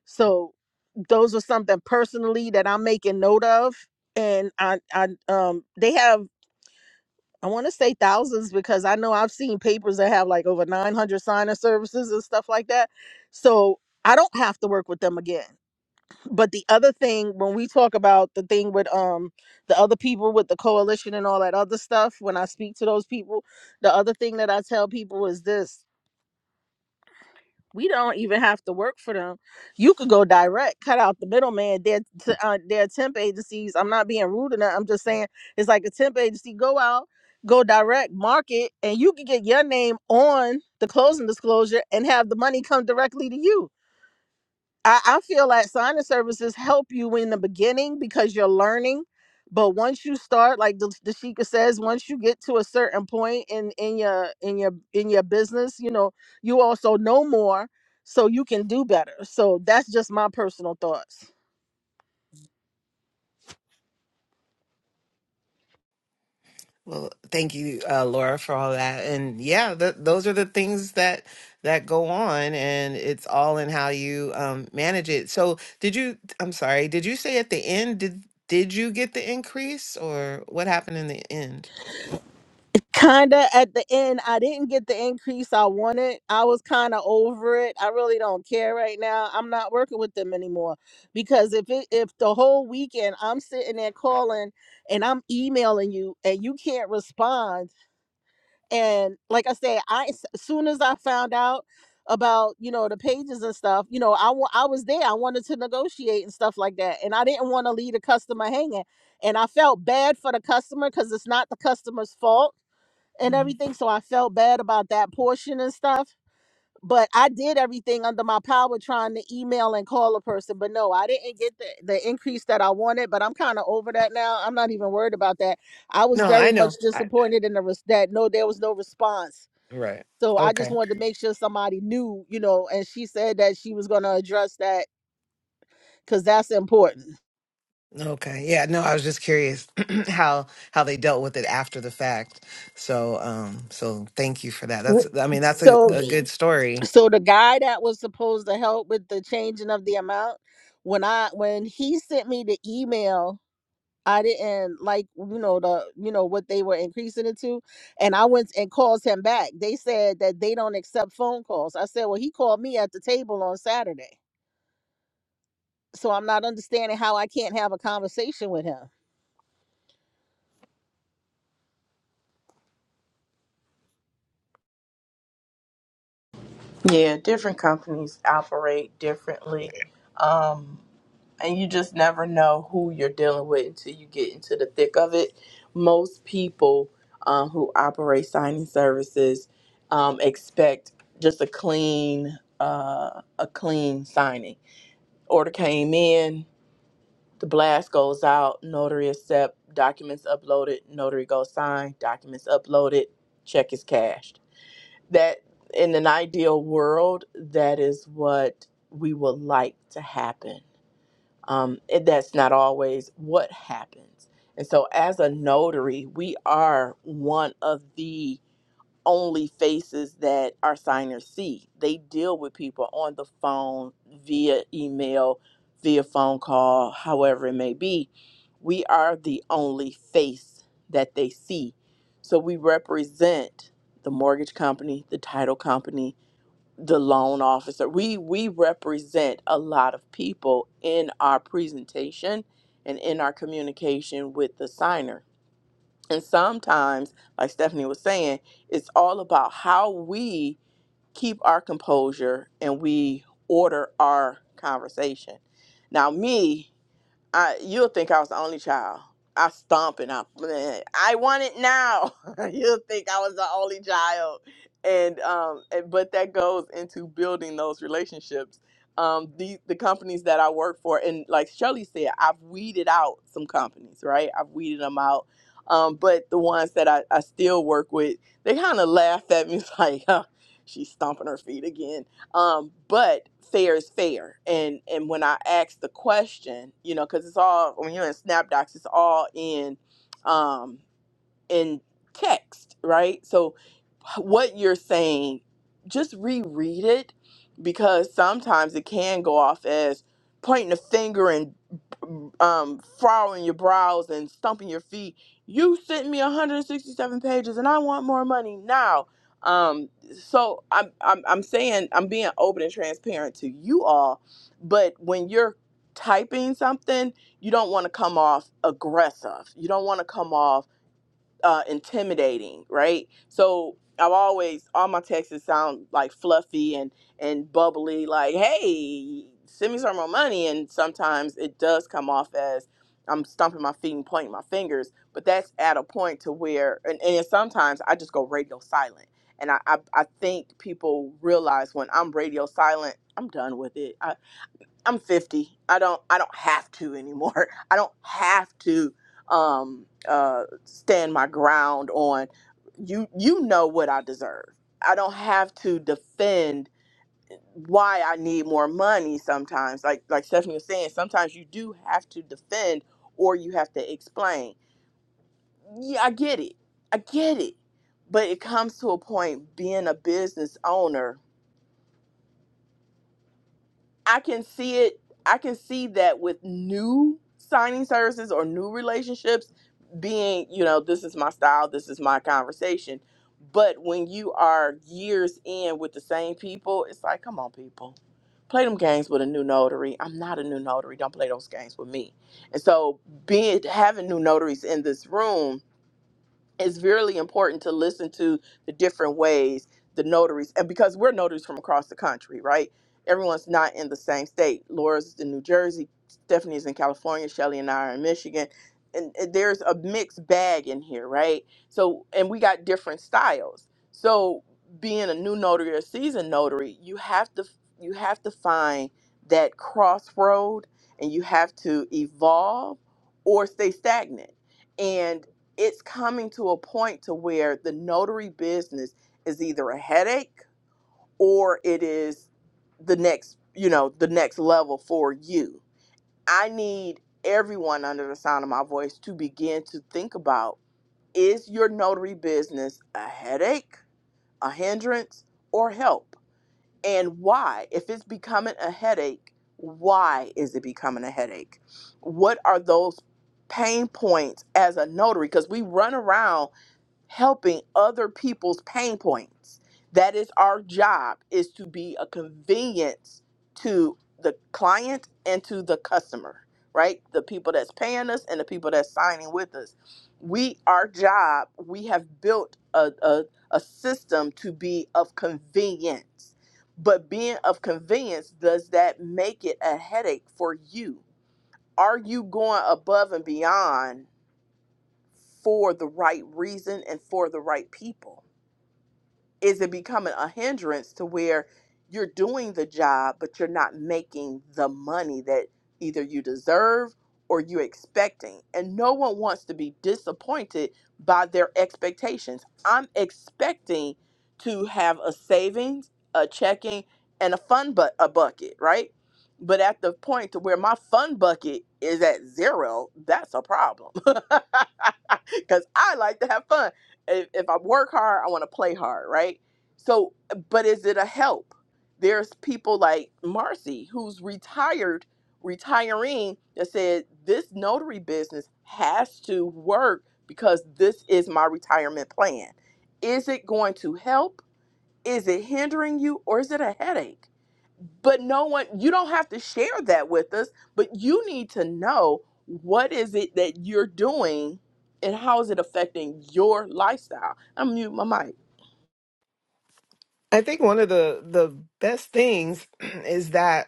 So those are something personally that I'm making note of. And I, I um they have I want to say thousands because I know I've seen papers that have like over 900 sign up services and stuff like that. So I don't have to work with them again. But the other thing when we talk about the thing with um the other people with the coalition and all that other stuff, when I speak to those people, the other thing that I tell people is this We don't even have to work for them. You could go direct, cut out the middleman. Their t- uh, their temp agencies. I'm not being rude enough. I'm just saying it's like a temp agency. Go out, go direct, market, and you can get your name on the closing disclosure and have the money come directly to you I, I feel like signing services help you in the beginning because you're learning. But once you start, like the, the Sheikah says, once you get to a certain point in in your in your in your business, you know, you also know more, so you can do better. So that's just my personal thoughts. Well, thank you, uh, Laura, for all that. And yeah, th those are the things that that go on, and it's all in how you um, manage it. So, did you? I'm sorry. Did you say at the end? Did did you get the increase, or what happened in the end? kinda at the end i didn't get the increase i wanted i was kind of over it i really don't care right now i'm not working with them anymore because if it if the whole weekend i'm sitting there calling and i'm emailing you and you can't respond and like i said i as soon as i found out about you know the pages and stuff you know i wa- i was there i wanted to negotiate and stuff like that and i didn't want to leave the customer hanging and i felt bad for the customer because it's not the customer's fault and Mhm. everything. So I felt bad about that portion and stuff. But I did everything under my power trying to email and call a person. But no, I didn't get the, the increase that I wanted. But I'm kind of over that now. I'm not even worried about that. I was No, I very much know. I, disappointed in the res- that no, there was no response. right. So I just Okay. wanted to make sure somebody knew, you know. And she said that she was going to address that because that's important. Okay. Yeah. No, I was just curious how how they dealt with it after the fact. So, um, so thank you for that. That's. I mean, that's a, So, a good story. so the guy that was supposed to help with the changing of the amount, when I when he sent me the email I didn't like, you know, the you know what they were increasing it to, and I went and called him back. They said that they don't accept phone calls. I said, well, he called me at the table on Saturday, so I'm not understanding how I can't have a conversation with him. Yeah, different companies operate differently. Um, and you just never know who you're dealing with until you get into the thick of it. Most people um, who operate signing services um, expect just a clean, uh, a clean signing. Order came in, the blast goes out, notary accept, documents uploaded, notary goes sign, documents uploaded, check is cashed that in an ideal world, that is what we would like to happen. Um, and that's not always what happens. And so, as a notary, we are one of the only faces that our signers see. They deal with people on the phone, via email, via phone call, however it may be. We are the only face that they see. So we represent the mortgage company, the title company, the loan officer. We we represent a lot of people in our presentation and in our communication with the signer. And sometimes, like Stephanie was saying, it's all about how we keep our composure and we order our conversation. Now, me, I you'll think I was the only child. I stomp and I man, I want it now. you'll think I was the only child. And um and- but that goes into building those relationships. Um the the companies that I work for and like Shirley said, I've weeded out some companies, right? I've weeded them out. Um, but the ones that I, I still work with, they kind of laughed at me like, huh, she's stomping her feet again um, but fair is fair and and when i ask the question you know because it's all when you're in snapdocs it's all in um in text right so what you're saying, just reread it because sometimes it can go off as pointing a finger and um, frowning your brows and stumping your feet. You sent me 167 pages and I want more money now. Um, so I'm, I'm, I'm saying I'm being open and transparent to you all, but when you're typing something, you don't want to come off aggressive. You don't want to come off uh, intimidating, right? So I've always all my texts sound like fluffy and and bubbly, like hey, send me some more money, and sometimes it does come off as I'm stomping my feet and pointing my fingers, but that's at a point to where, and, and sometimes I just go radio silent. And I, I, I think people realize when I'm radio silent, I'm done with it. I'm 50. I don't I don't have to anymore. I don't have to um uh stand my ground on you you know what I deserve. I don't have to defend why I need more money sometimes. Like like Stephanie was saying, sometimes you do have to defend or you have to explain. Yeah, I get it. I get it. But it comes to a point being a business owner I can see it. I can see that with new signing services or new relationships being, you know, this is my style, this is my conversation. But when you are years in with the same people, it's like, come on, people. Play them games with a new notary. I'm not a new notary. Don't play those games with me. And so being having new notaries in this room it's really important to listen to the different ways the notaries and because we're notaries from across the country right everyone's not in the same state laura's in new jersey stephanie's in california shelly and i are in michigan and, and there's a mixed bag in here right so and we got different styles so being a new notary or seasoned notary you have to you have to find that crossroad and you have to evolve or stay stagnant and it's coming to a point to where the notary business is either a headache or it is the next you know the next level for you i need everyone under the sound of my voice to begin to think about is your notary business a headache a hindrance or help and why if it's becoming a headache why is it becoming a headache what are those pain points as a notary because we run around helping other people's pain points. That is our job is to be a convenience to the client and to the customer, right? The people that's paying us and the people that's signing with us. We our job, we have built a, a, a system to be of convenience. But being of convenience, does that make it a headache for you? Are you going above and beyond for the right reason and for the right people? is it becoming a hindrance to where you're doing the job but you're not making the money that either you deserve or you're expecting and no one wants to be disappointed by their expectations i'm expecting to have a savings a checking and a fun but a bucket right but at the point to where my fun bucket is at zero that's a problem because i like to have fun if, if I work hard, I want to play hard, right? So, but is it a help? There's people like Marcy who's retired, retiring, that said this notary business has to work because this is my retirement plan. Is it going to help? Is it hindering you or is it a headache? but no one you don't have to share that with us but you need to know what is it that you're doing and how is it affecting your lifestyle i'm mute my mic I think one of the the best things is that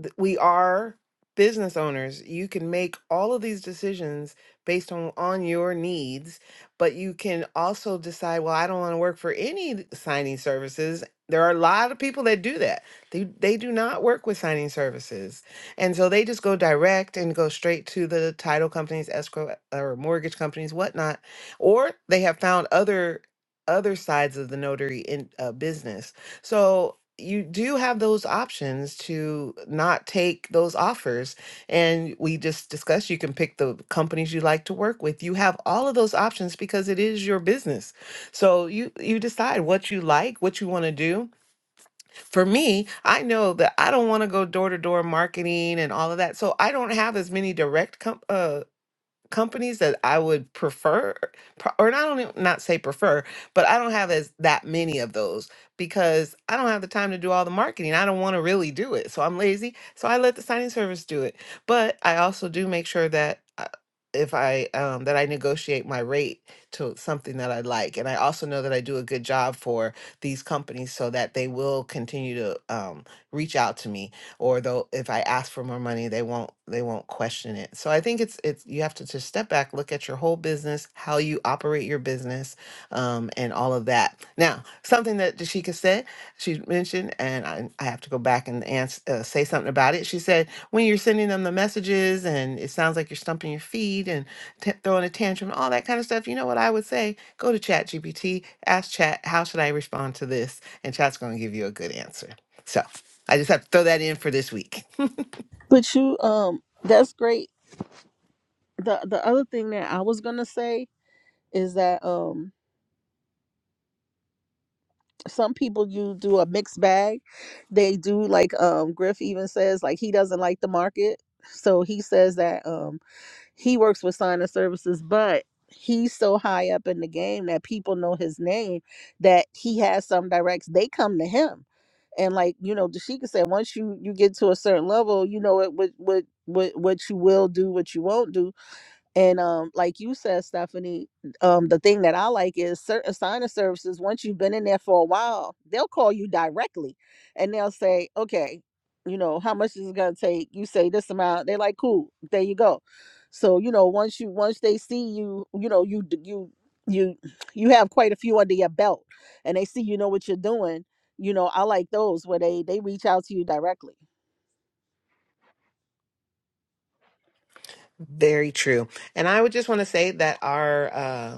th- we are business owners. You can make all of these decisions based on on your needs, but you can also decide, well, I don't want to work for any signing services. There are a lot of people that do that. They they do not work with signing services. And so they just go direct and go straight to the title companies, escrow or mortgage companies, whatnot. Or they have found other other sides of the notary in uh, business. So you do have those options to not take those offers. And we just discussed you can pick the companies you like to work with. You have all of those options because it is your business. So you you decide what you like, what you want to do. For me, I know that I don't want to go door to door marketing and all of that. So I don't have as many direct com- uh, companies that I would prefer, pro- or not only not say prefer, but I don't have as that many of those because I don't have the time to do all the marketing. I don't want to really do it, so I'm lazy. So I let the signing service do it. But I also do make sure that uh, if I um, that I negotiate my rate to something that I like, and I also know that I do a good job for these companies so that they will continue to um, reach out to me or they'll if I ask for more money, they won't they won't question it. So I think it's it's you have to just step back, look at your whole business, how you operate your business, um, and all of that. Now, something that Dashika said, she mentioned, and I, I have to go back and ans- uh, say something about it. She said when you're sending them the messages, and it sounds like you're stumping your feet and t- throwing a tantrum, all that kind of stuff. You know what I would say? Go to Chat GPT, ask Chat, how should I respond to this, and Chat's going to give you a good answer. So. I just have to throw that in for this week. But you, um, that's great. the The other thing that I was gonna say is that, um, some people you do a mixed bag. They do like, um, Griff even says like he doesn't like the market, so he says that, um He works with sign of services, but he's so high up in the game that people know his name that he has some directs. They come to him. And like, you know, Dashika said, once you you get to a certain level, you know it what what what what you will do, what you won't do and um, like you said, Stephanie, um, the thing that I like is certain signing services, once you've been in there for a while, they'll call you directly and they'll say, okay, you know, how much is it gonna take? You say this amount, they're like, cool, there you go. So, you know, once you once they see you, you know, you d- you you you have quite a few under your belt and they see you know what you're doing, you know, I like those where they they reach out to you directly. Very true. And I would just want to say that our uh,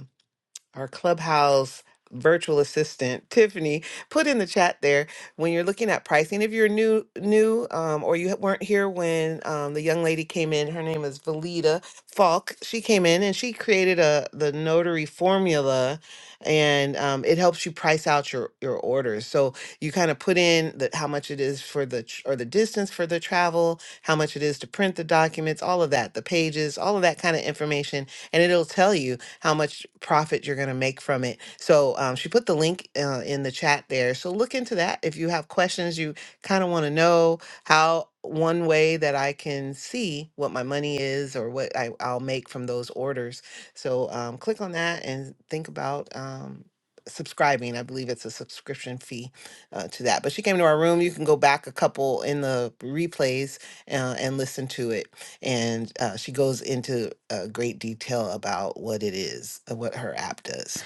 our clubhouse virtual assistant tiffany put in the chat there when you're looking at pricing if you're new new um, or you weren't here when um, the young lady came in her name is valita falk she came in and she created a the notary formula and um, it helps you price out your your orders so you kind of put in the, how much it is for the tr- or the distance for the travel how much it is to print the documents all of that the pages all of that kind of information and it'll tell you how much profit you're going to make from it. So um, she put the link uh, in the chat there. So look into that. If you have questions, you kind of want to know how one way that I can see what my money is or what I, I'll make from those orders. So um, click on that and think about um, subscribing. I believe it's a subscription fee uh, to that. But she came to our room. You can go back a couple in the replays uh, and listen to it and uh, she goes into uh, great detail about what it is, uh, what her app does.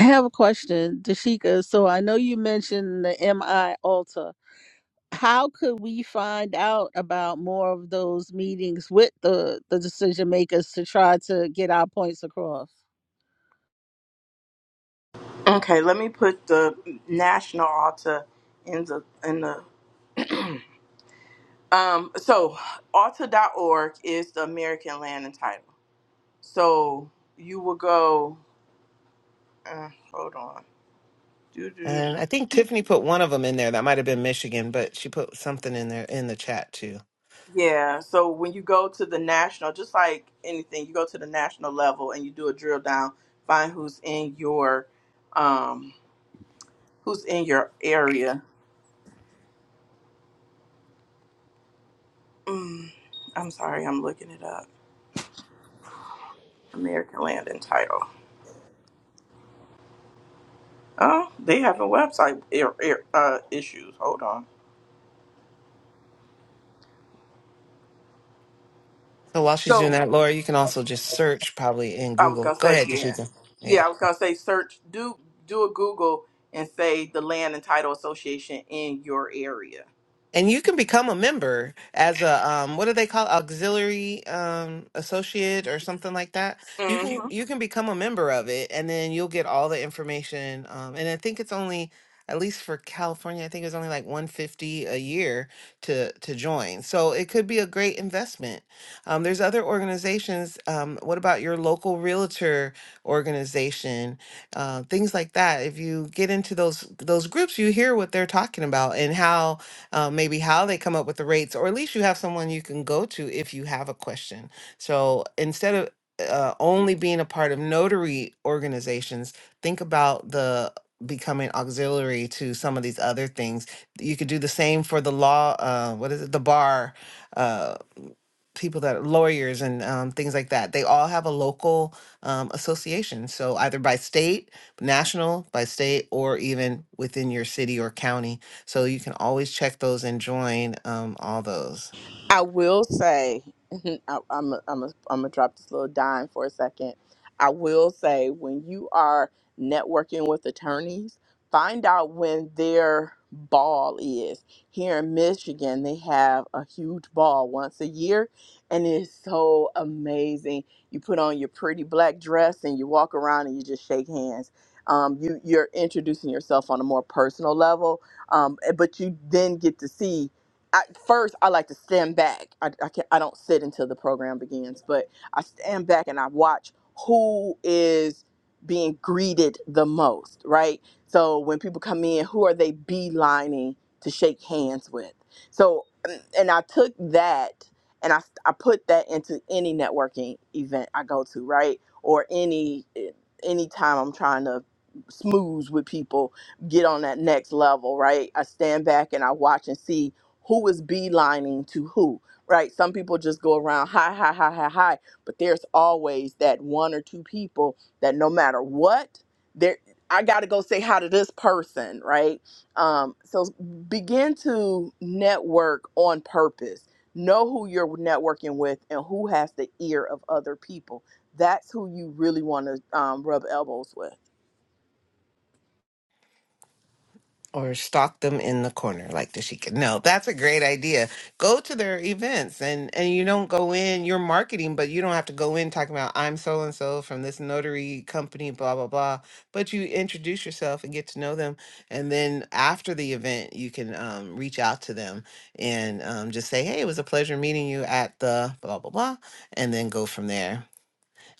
I have a question, Dashika. So I know you mentioned the MI Alta. how could we find out about more of those meetings with the the decision makers to try to get our points across Okay, let me put the national ALTA in the in the um so Alta dot org is the American Land Entitlement. So you will go uh, hold on. And I think Tiffany put one of them in there. That might have been Michigan, but she put something in there in the chat too. Yeah, so when you go to the national, just like anything, you go to the national level and you do a drill down, find who's in your um who's in your area. Mm, I'm sorry, I'm looking it up. American Land and Title. Oh, they have a website er, er, uh, issues. Hold on. So while she's doing So that, Laura, you can also just search probably in I was Google. gonna Go say ahead, yeah, Jashika. Yeah. yeah. I was gonna say search do do a Google and say the Land and Title Association in your area. And you can become a member as a um what do they call it? auxiliary um associate or something like that. You Hmm. can you can become a member of it and then you'll get all the information um and I think it's only at least for California I think it's only like 150 a year to to join. So it could be a great investment. Um there's other organizations um what about your local realtor organization? Uh things like that. If you get into those those groups you hear what they're talking about and how uh, maybe how they come up with the rates, or at least you have someone you can go to if you have a question. So instead of uh, only being a part of notary organizations, think about the becoming auxiliary to some of these other things. You could do the same for the law. Uh, what is it? The bar. uh, people that are lawyers and um, things like that. They all have a local um, association. So either by state, national, by state, or even within your city or county. So you can always check those and join um, all those. I will say, I, I'm a, I'm a, I'm gonna drop this little dime for a second. I will say, when you are networking with attorneys, find out when their ball is. Here in Michigan, they have a huge ball once a year, and it's so amazing. You put on your pretty black dress and you walk around and you just shake hands. Um, you you're introducing yourself on a more personal level, um, eh, but you then get to see I, first, I like to stand back. I, I, can, I don't sit until the program begins, but I stand back and I watch who is being greeted the most, right? So when people come in, who are they beelining to shake hands with? So, mm, and I took that and I, I put that into any networking event I go to, right? Or any eh, any time I'm trying to smooth with people, get on that next level, right? I stand back and I watch and see who is beelining to who, right? Some people just go around hi, hi, hi, hi, hi, but there's always that one or two people that no matter what, there I got to go say hi to this person, right? Um, so begin to network on purpose. Know who you're networking with and who has the ear of other people. That's who you really want to um, rub elbows with. or stalk them in the corner like the Sheikah. No, that's a great idea. Go to their events and and you don't go in, you're marketing, but you don't have to go in talking about I'm so and so from this notary company, blah blah blah. But you introduce yourself and get to know them. And then after the event you can um, reach out to them and um, just say, Hey, it was a pleasure meeting you at the blah blah blah and then go from there.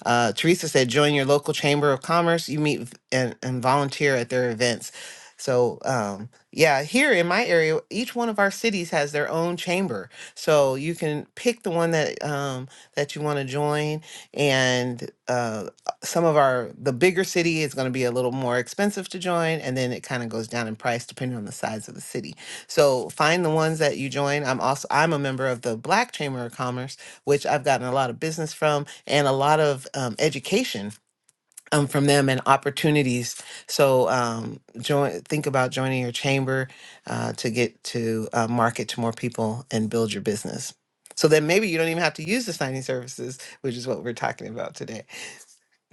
Uh, Teresa said, join your local chamber of commerce. You meet v- and, and volunteer at their events. So, um, yeah, here in my area, each one of our cities has their own chamber. So you can pick the one that um, that you want to join. And uh, some of our the bigger city is going to be a little more expensive to join, and then it kind of goes down in price depending on the size of the city. So find the ones that you join. I'm also I'm a member of the Black Chamber of Commerce, which I've gotten a lot of business from and a lot of um, education um, from them and opportunities. So um, join, think about joining your chamber uh, to get to uh, market to more people and build your business. So then maybe you don't even have to use the signing services, which is what we're talking about today.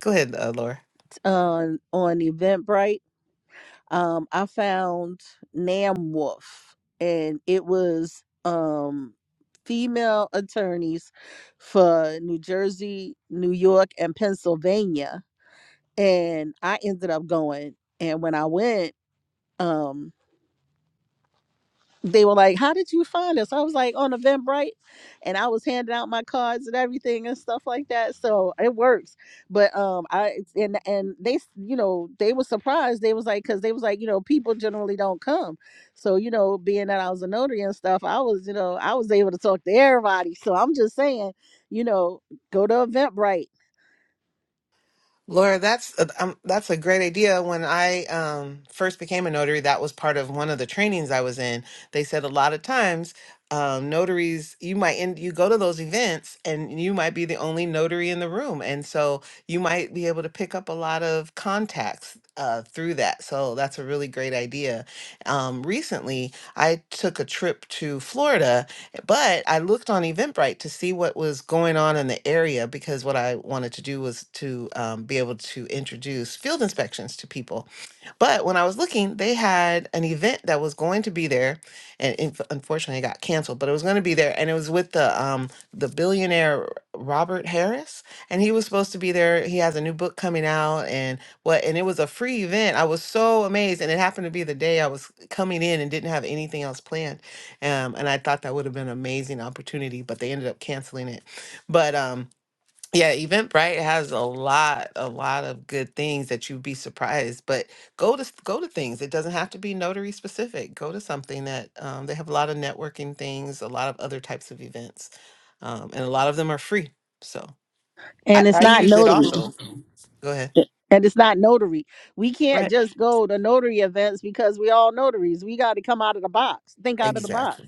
Go ahead, uh, Laura. on on eventbrite um i found nam wolf and it was um female attorneys for new jersey new york and pennsylvania and i ended up going and when i went um they were like, "How did you find us?" I was like, "On Eventbrite," and I was handing out my cards and everything and stuff like that. So it works. But um, I and and they, s- you know, they were surprised. They was like, because they was like, you know, people generally don't come. So you know, being that I was a notary and stuff, I was, you know, I was able to talk to everybody. So I'm just saying, you know, go to Eventbrite, Laura, that's a, um, that's a great idea. When I um, first became a notary, that was part of one of the trainings I was in. They said a lot of times um, notaries, you might end, you go to those events and you might be the only notary in the room, and so you might be able to pick up a lot of contacts uh, through that. So that's a really great idea. Um, recently, I took a trip to Florida but I looked on Eventbrite to see what was going on in the area because what I wanted to do was to um, be able to introduce field inspections to people. But when I was looking, they had an event that was going to be there, and inf- unfortunately, it got canceled. But it was going to be there, and it was with the um, the billionaire Robert Harris, and he was supposed to be there. He has a new book coming out, and what? And it was a free event. I was so amazed, and it happened to be the day I was coming in and didn't have anything else planned. Um, and I thought that would have been an amazing opportunity, but they ended up canceling it. But um, yeah, Eventbrite has a lot, a lot of good things that you'd be surprised. But go to s- go to things. It doesn't have to be notary specific. Go to something that um, they have a lot of networking things, a lot of other types of events, um, and a lot of them are free. So I, and it's I not use it notary. also. Go ahead. And it's not notary. We can't Right. just go to notary events because we all notaries. We got to come out of the box, think out of the Exactly. box.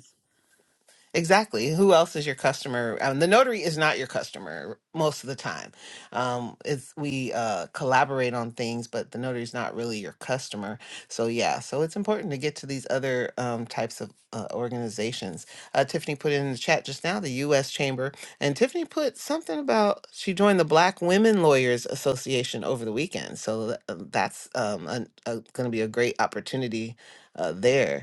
Exactly. Who else is your customer? Um, the notary is not your customer most of the time. Um, it's we uh, collaborate on things, but the notary is not really your customer. So yeah, so it's important to get to these other um, types of uh, organizations. Uh, Tiffany put in the chat just now the U.S. Chamber, and Tiffany put something about she joined the Black Women Lawyers Association over the weekend. So th- that's um, going to be a great opportunity uh, there.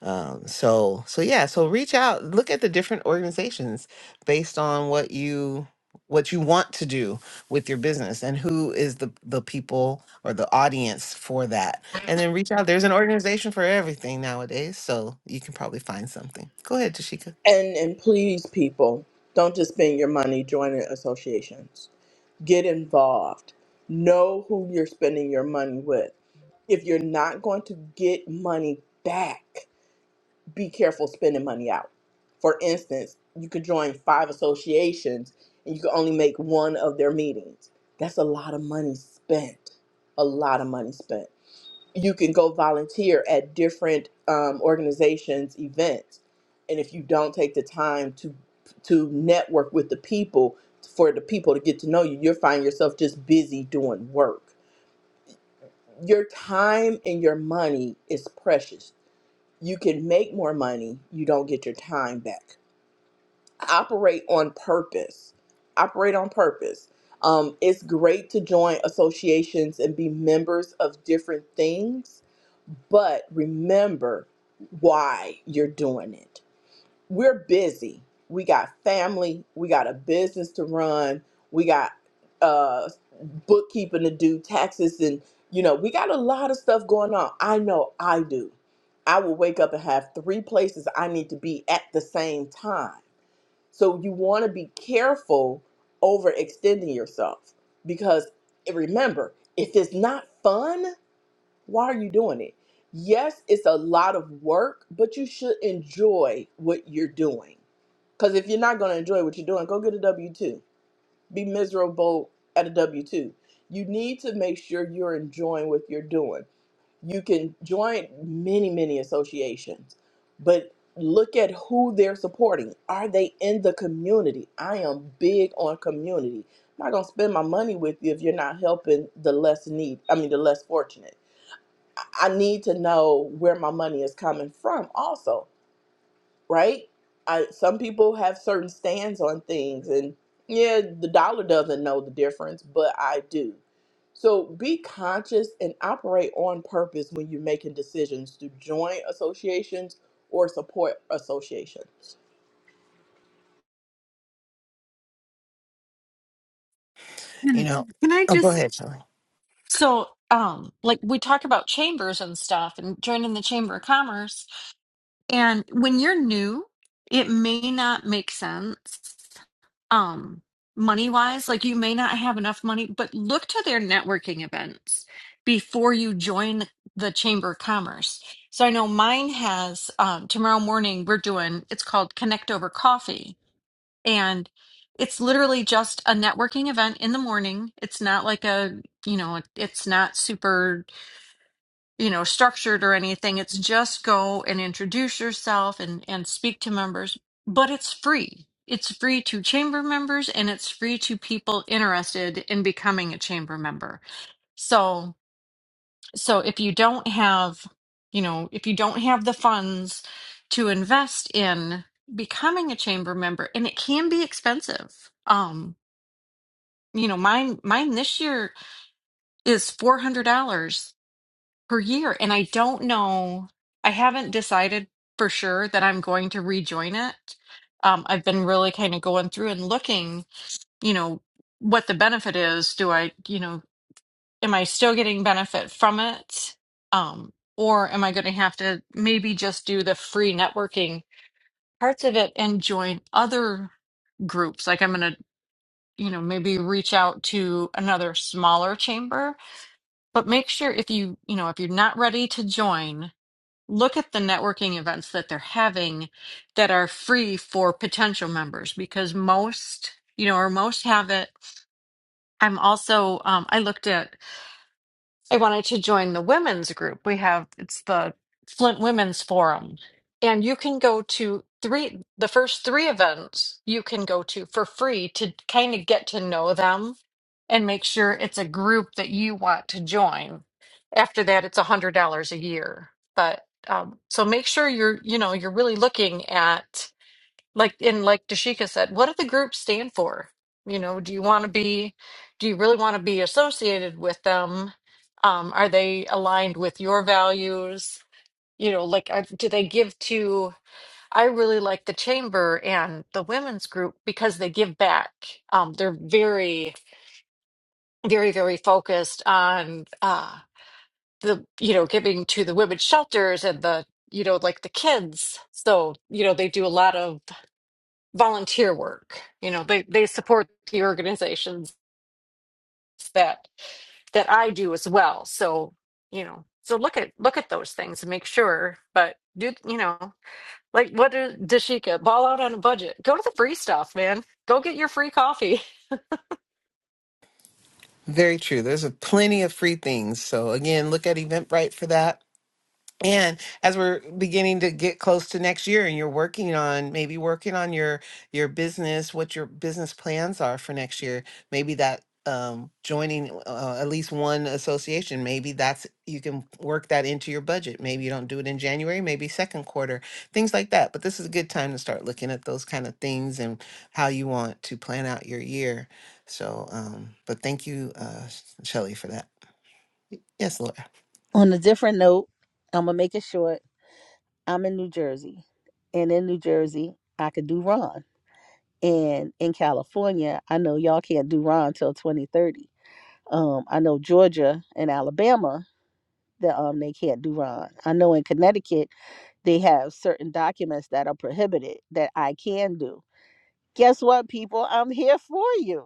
Um, so so yeah, so reach out, look at the different organizations based on what you what you want to do with your business and who is the the people or the audience for that. And then reach out. There's an organization for everything nowadays, so you can probably find something. Go ahead, Tashika. And and please, people, don't just spend your money joining associations get involved. Know who you're spending your money with. If you're not going to get money back, be careful spending money out. For instance, you could join five associations and you can only make one of their meetings. That's a lot of money spent. A lot of money spent you can go volunteer at different um, organizations events and if you don't take the time to to network with the people for the people to get to know you you'll find yourself just busy doing work your time and your money is precious you can make more money you don't get your time back operate on purpose operate on purpose um, it's great to join associations and be members of different things but remember why you're doing it. We're busy. We got family. We got a business to run. We got uh, bookkeeping to do, taxes, and you know, we got a lot of stuff going on. I know I do. I will wake up and have three places I need to be at the same time. So you want to be careful overextending yourself because remember, if it's not fun, why are you doing it? Yes, it's a lot of work, but you should enjoy what you're doing. Because if you're not going to enjoy what you're doing, go get a W 2. Be miserable at a W 2. You need to make sure you're enjoying what you're doing. You can join many, many associations, but look at who they're supporting. Are they in the community? I am big on community. I'm not going to spend my money with you if you're not helping the less need, I mean, the less fortunate I need to know where my money is coming from also, right? I, some people have certain stands on things and yeah, the dollar doesn't know the difference, but I do. So be conscious and operate on purpose when you're making decisions to join associations or support associations. You And know, can I oh go just ahead, Shelly. so um like we talk about chambers and stuff and joining the chamber of commerce And when you're new, it may not make sense um money wise. Like you may not have enough money, but look to their networking events before you join the Chamber of Commerce. So I know mine has um tomorrow morning we're doing it's called Connect Over Coffee. And it's literally just a networking event in the morning. It's not like a, you know, it's not super you know structured or anything it's just go and introduce yourself and and speak to members but it's free it's free to chamber members and it's free to people interested in becoming a chamber member so so if you don't have you know if you don't have the funds to invest in becoming a chamber member and it can be expensive um you know mine mine this year is $400 per year. And I don't know, I haven't decided for sure that I'm going to rejoin it. Um, I've been really kind of going through and looking, you know, what the benefit is. Do I, you know, am I still getting benefit from it? Um, or am I going to have to maybe just do the free networking parts of it and join other groups? Like I'm going to, you know, maybe reach out to another smaller chamber, but make sure if you, you know, if you're not ready to join, look at the networking events that they're having that are free for potential members because most you know or most have it i'm also um, i looked at I wanted to join the women's group. We have it's the Flint Women's Forum, and you can go to three the first three events you can go to for free to kind of get to know them and make sure it's a group that you want to join. After that, it's a hundred dollars a year, but um, so make sure you're you know you're really looking at like in like Dashika said, what do the groups stand for? You know, do you want to be, do you really want to be associated with them? Um, are they aligned with your values? You know, like are, do they give to? I really like the chamber and the women's group because they give back. Um, they're very, very, very focused on uh, the you know giving to the women's shelters and the you know like the kids. So you know they do a lot of volunteer work you know they they support the organizations that that i do as well so you know so look at look at those things and make sure but do you know like what does dashika ball out on a budget go to the free stuff man go get your free coffee Very true. There's a plenty of free things. So again, look at Eventbrite for that and as we're beginning to get close to next year and you're working on maybe working on your your business what your business plans are for next year maybe that um joining uh, uh, at least one association maybe that's you can work that into your budget maybe you don't do it in January maybe second quarter things like that but this is a good time to start looking at those kind of things and how you want to plan out your year so um but thank you uh Shelly for that yes Laura On a different note, I'm going to make it short. I'm in New Jersey. And in New Jersey, I could do Ron. And in California, I know y'all can't do Ron till 2030. Um, I know Georgia and Alabama that um they can't do Ron. I know in Connecticut they have certain documents that are prohibited that I can do. Guess what, people? I'm here for you.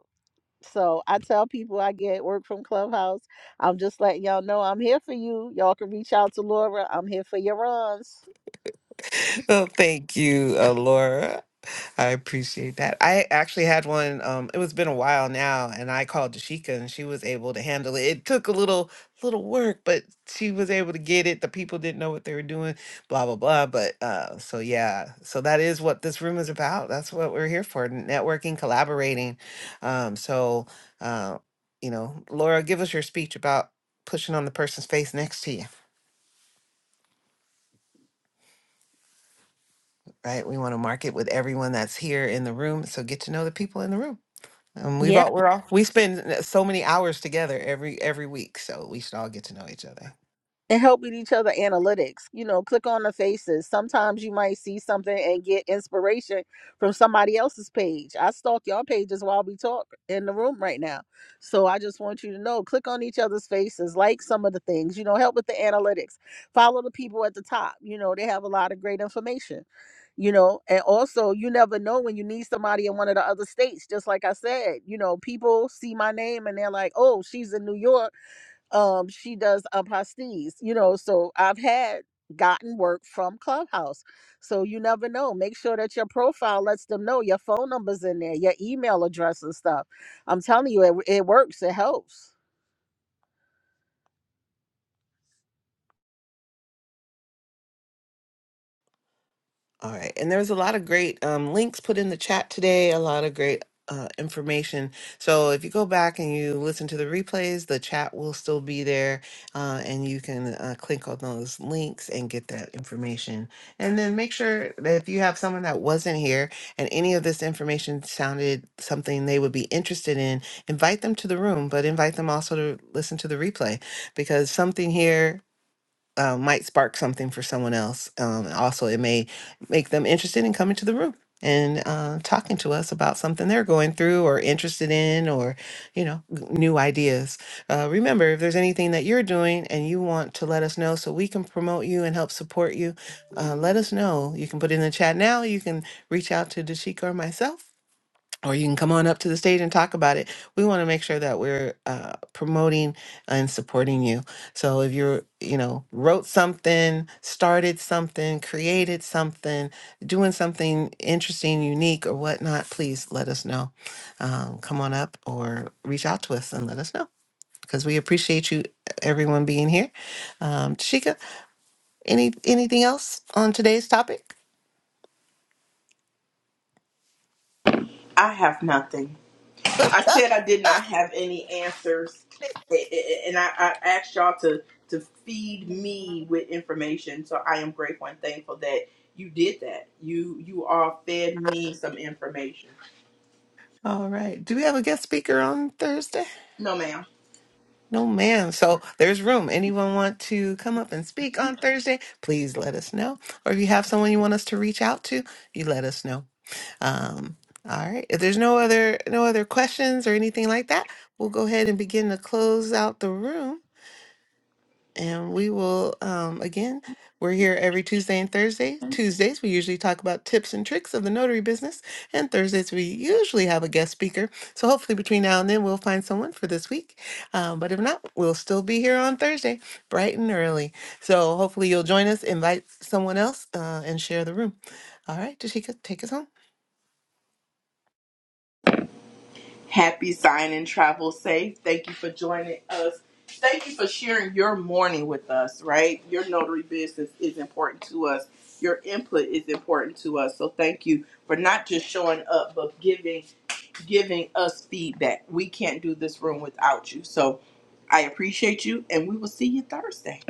So I tell people I get work from Clubhouse. I'm just letting y'all know I'm here for you. Y'all can reach out to Laura. I'm here for your runs. Oh, thank you, uh, Laura. I appreciate that. I actually had one. Um, it was been a while now, and I called Dashika, and she was able to handle it. It took a little little work, but she was able to get it. The people didn't know what they were doing, blah blah blah. But uh, so yeah, so that is what this room is about. That's what we're here for: networking, collaborating. Um, so uh, you know, Laura, give us your speech about pushing on the person's face next to you. right? We want to market with everyone that's here in the room. So get to know the people in the room. Um, we've all we're all we spend uh, so many hours together every every week, so we should all get to know each other. and helping each other analytics. You know, click on the faces. Sometimes you might see something and get inspiration from somebody else's page. I stalk y'all pages while we talk in the room right now. So I just want you to know, click on each other's faces, like some of the things, you know, help with the analytics. Follow the people at the top. You know, they have a lot of great information. You know, and also you never know when you need somebody in one of the other states. Just like I said, you know, people see my name and they're like, oh, she's in New York um she does apostilles you know so i've had gotten work from clubhouse so you never know make sure that your profile lets them know your phone numbers in there your email address and stuff i'm telling you it, it works it helps All right. And there was a lot of great um, links put in the chat today, a lot of great uh, information. So if you go back and you listen to the replays, the chat will still be there uh, and you can uh, click on those links and get that information. And then make sure that if you have someone that wasn't here and any of this information sounded something they would be interested in, invite them to the room, but invite them also to listen to the replay because something here uh, might spark something for someone else. Um, and also, it may make them interested in coming to the room and uh, talking to us about something they're going through or interested in or, you know, g- new ideas. Uh, remember, if there's anything that you're doing and you want to let us know so we can promote you and help support you, uh, let us know. You can put it in the chat now. You can reach out to Dashika or myself or you can come on up to the stage and talk about it. We want to make sure that we're uh, promoting and supporting you. So if you're, you know, wrote something, started something, created something, doing something interesting, unique, or whatnot, please let us know. Um, come on up or reach out to us and let us know because we appreciate you, everyone being here. Um, Tashika, any anything else on today's topic? I have nothing. I said I did not have any answers, a- a- and I, I asked y'all to to feed me with information. So I am grateful and thankful that you did that. You you all fed me some information. all right. Do we have a guest speaker on Thursday? No, ma'am. No, ma'am. So there's room. Anyone want to come up and speak on Thursday? Please let us know. Or if you have someone you want us to reach out to, you let us know. Um, all right. If there's no other no other questions or anything like that, we'll go ahead and begin to close out the room. And we will, um, again, we're here every Tuesday and Thursday. Tuesdays, we usually talk about tips and tricks of the notary business. And Thursdays, we usually have a guest speaker. So hopefully, between now and then, we'll find someone for this week. Um, but if not, we'll still be here on Thursday, bright and early. So hopefully, you'll join us, invite someone else, uh, and share the room. All right, Tashika, take us home. Happy sign and travel safe. Thank you for joining us. Thank you for sharing your morning with us, right? Your notary business is important to us. Your input is important to us. So thank you for not just showing up, but giving giving us feedback. We can't do this room without you. So I appreciate you and we will see you Thursday.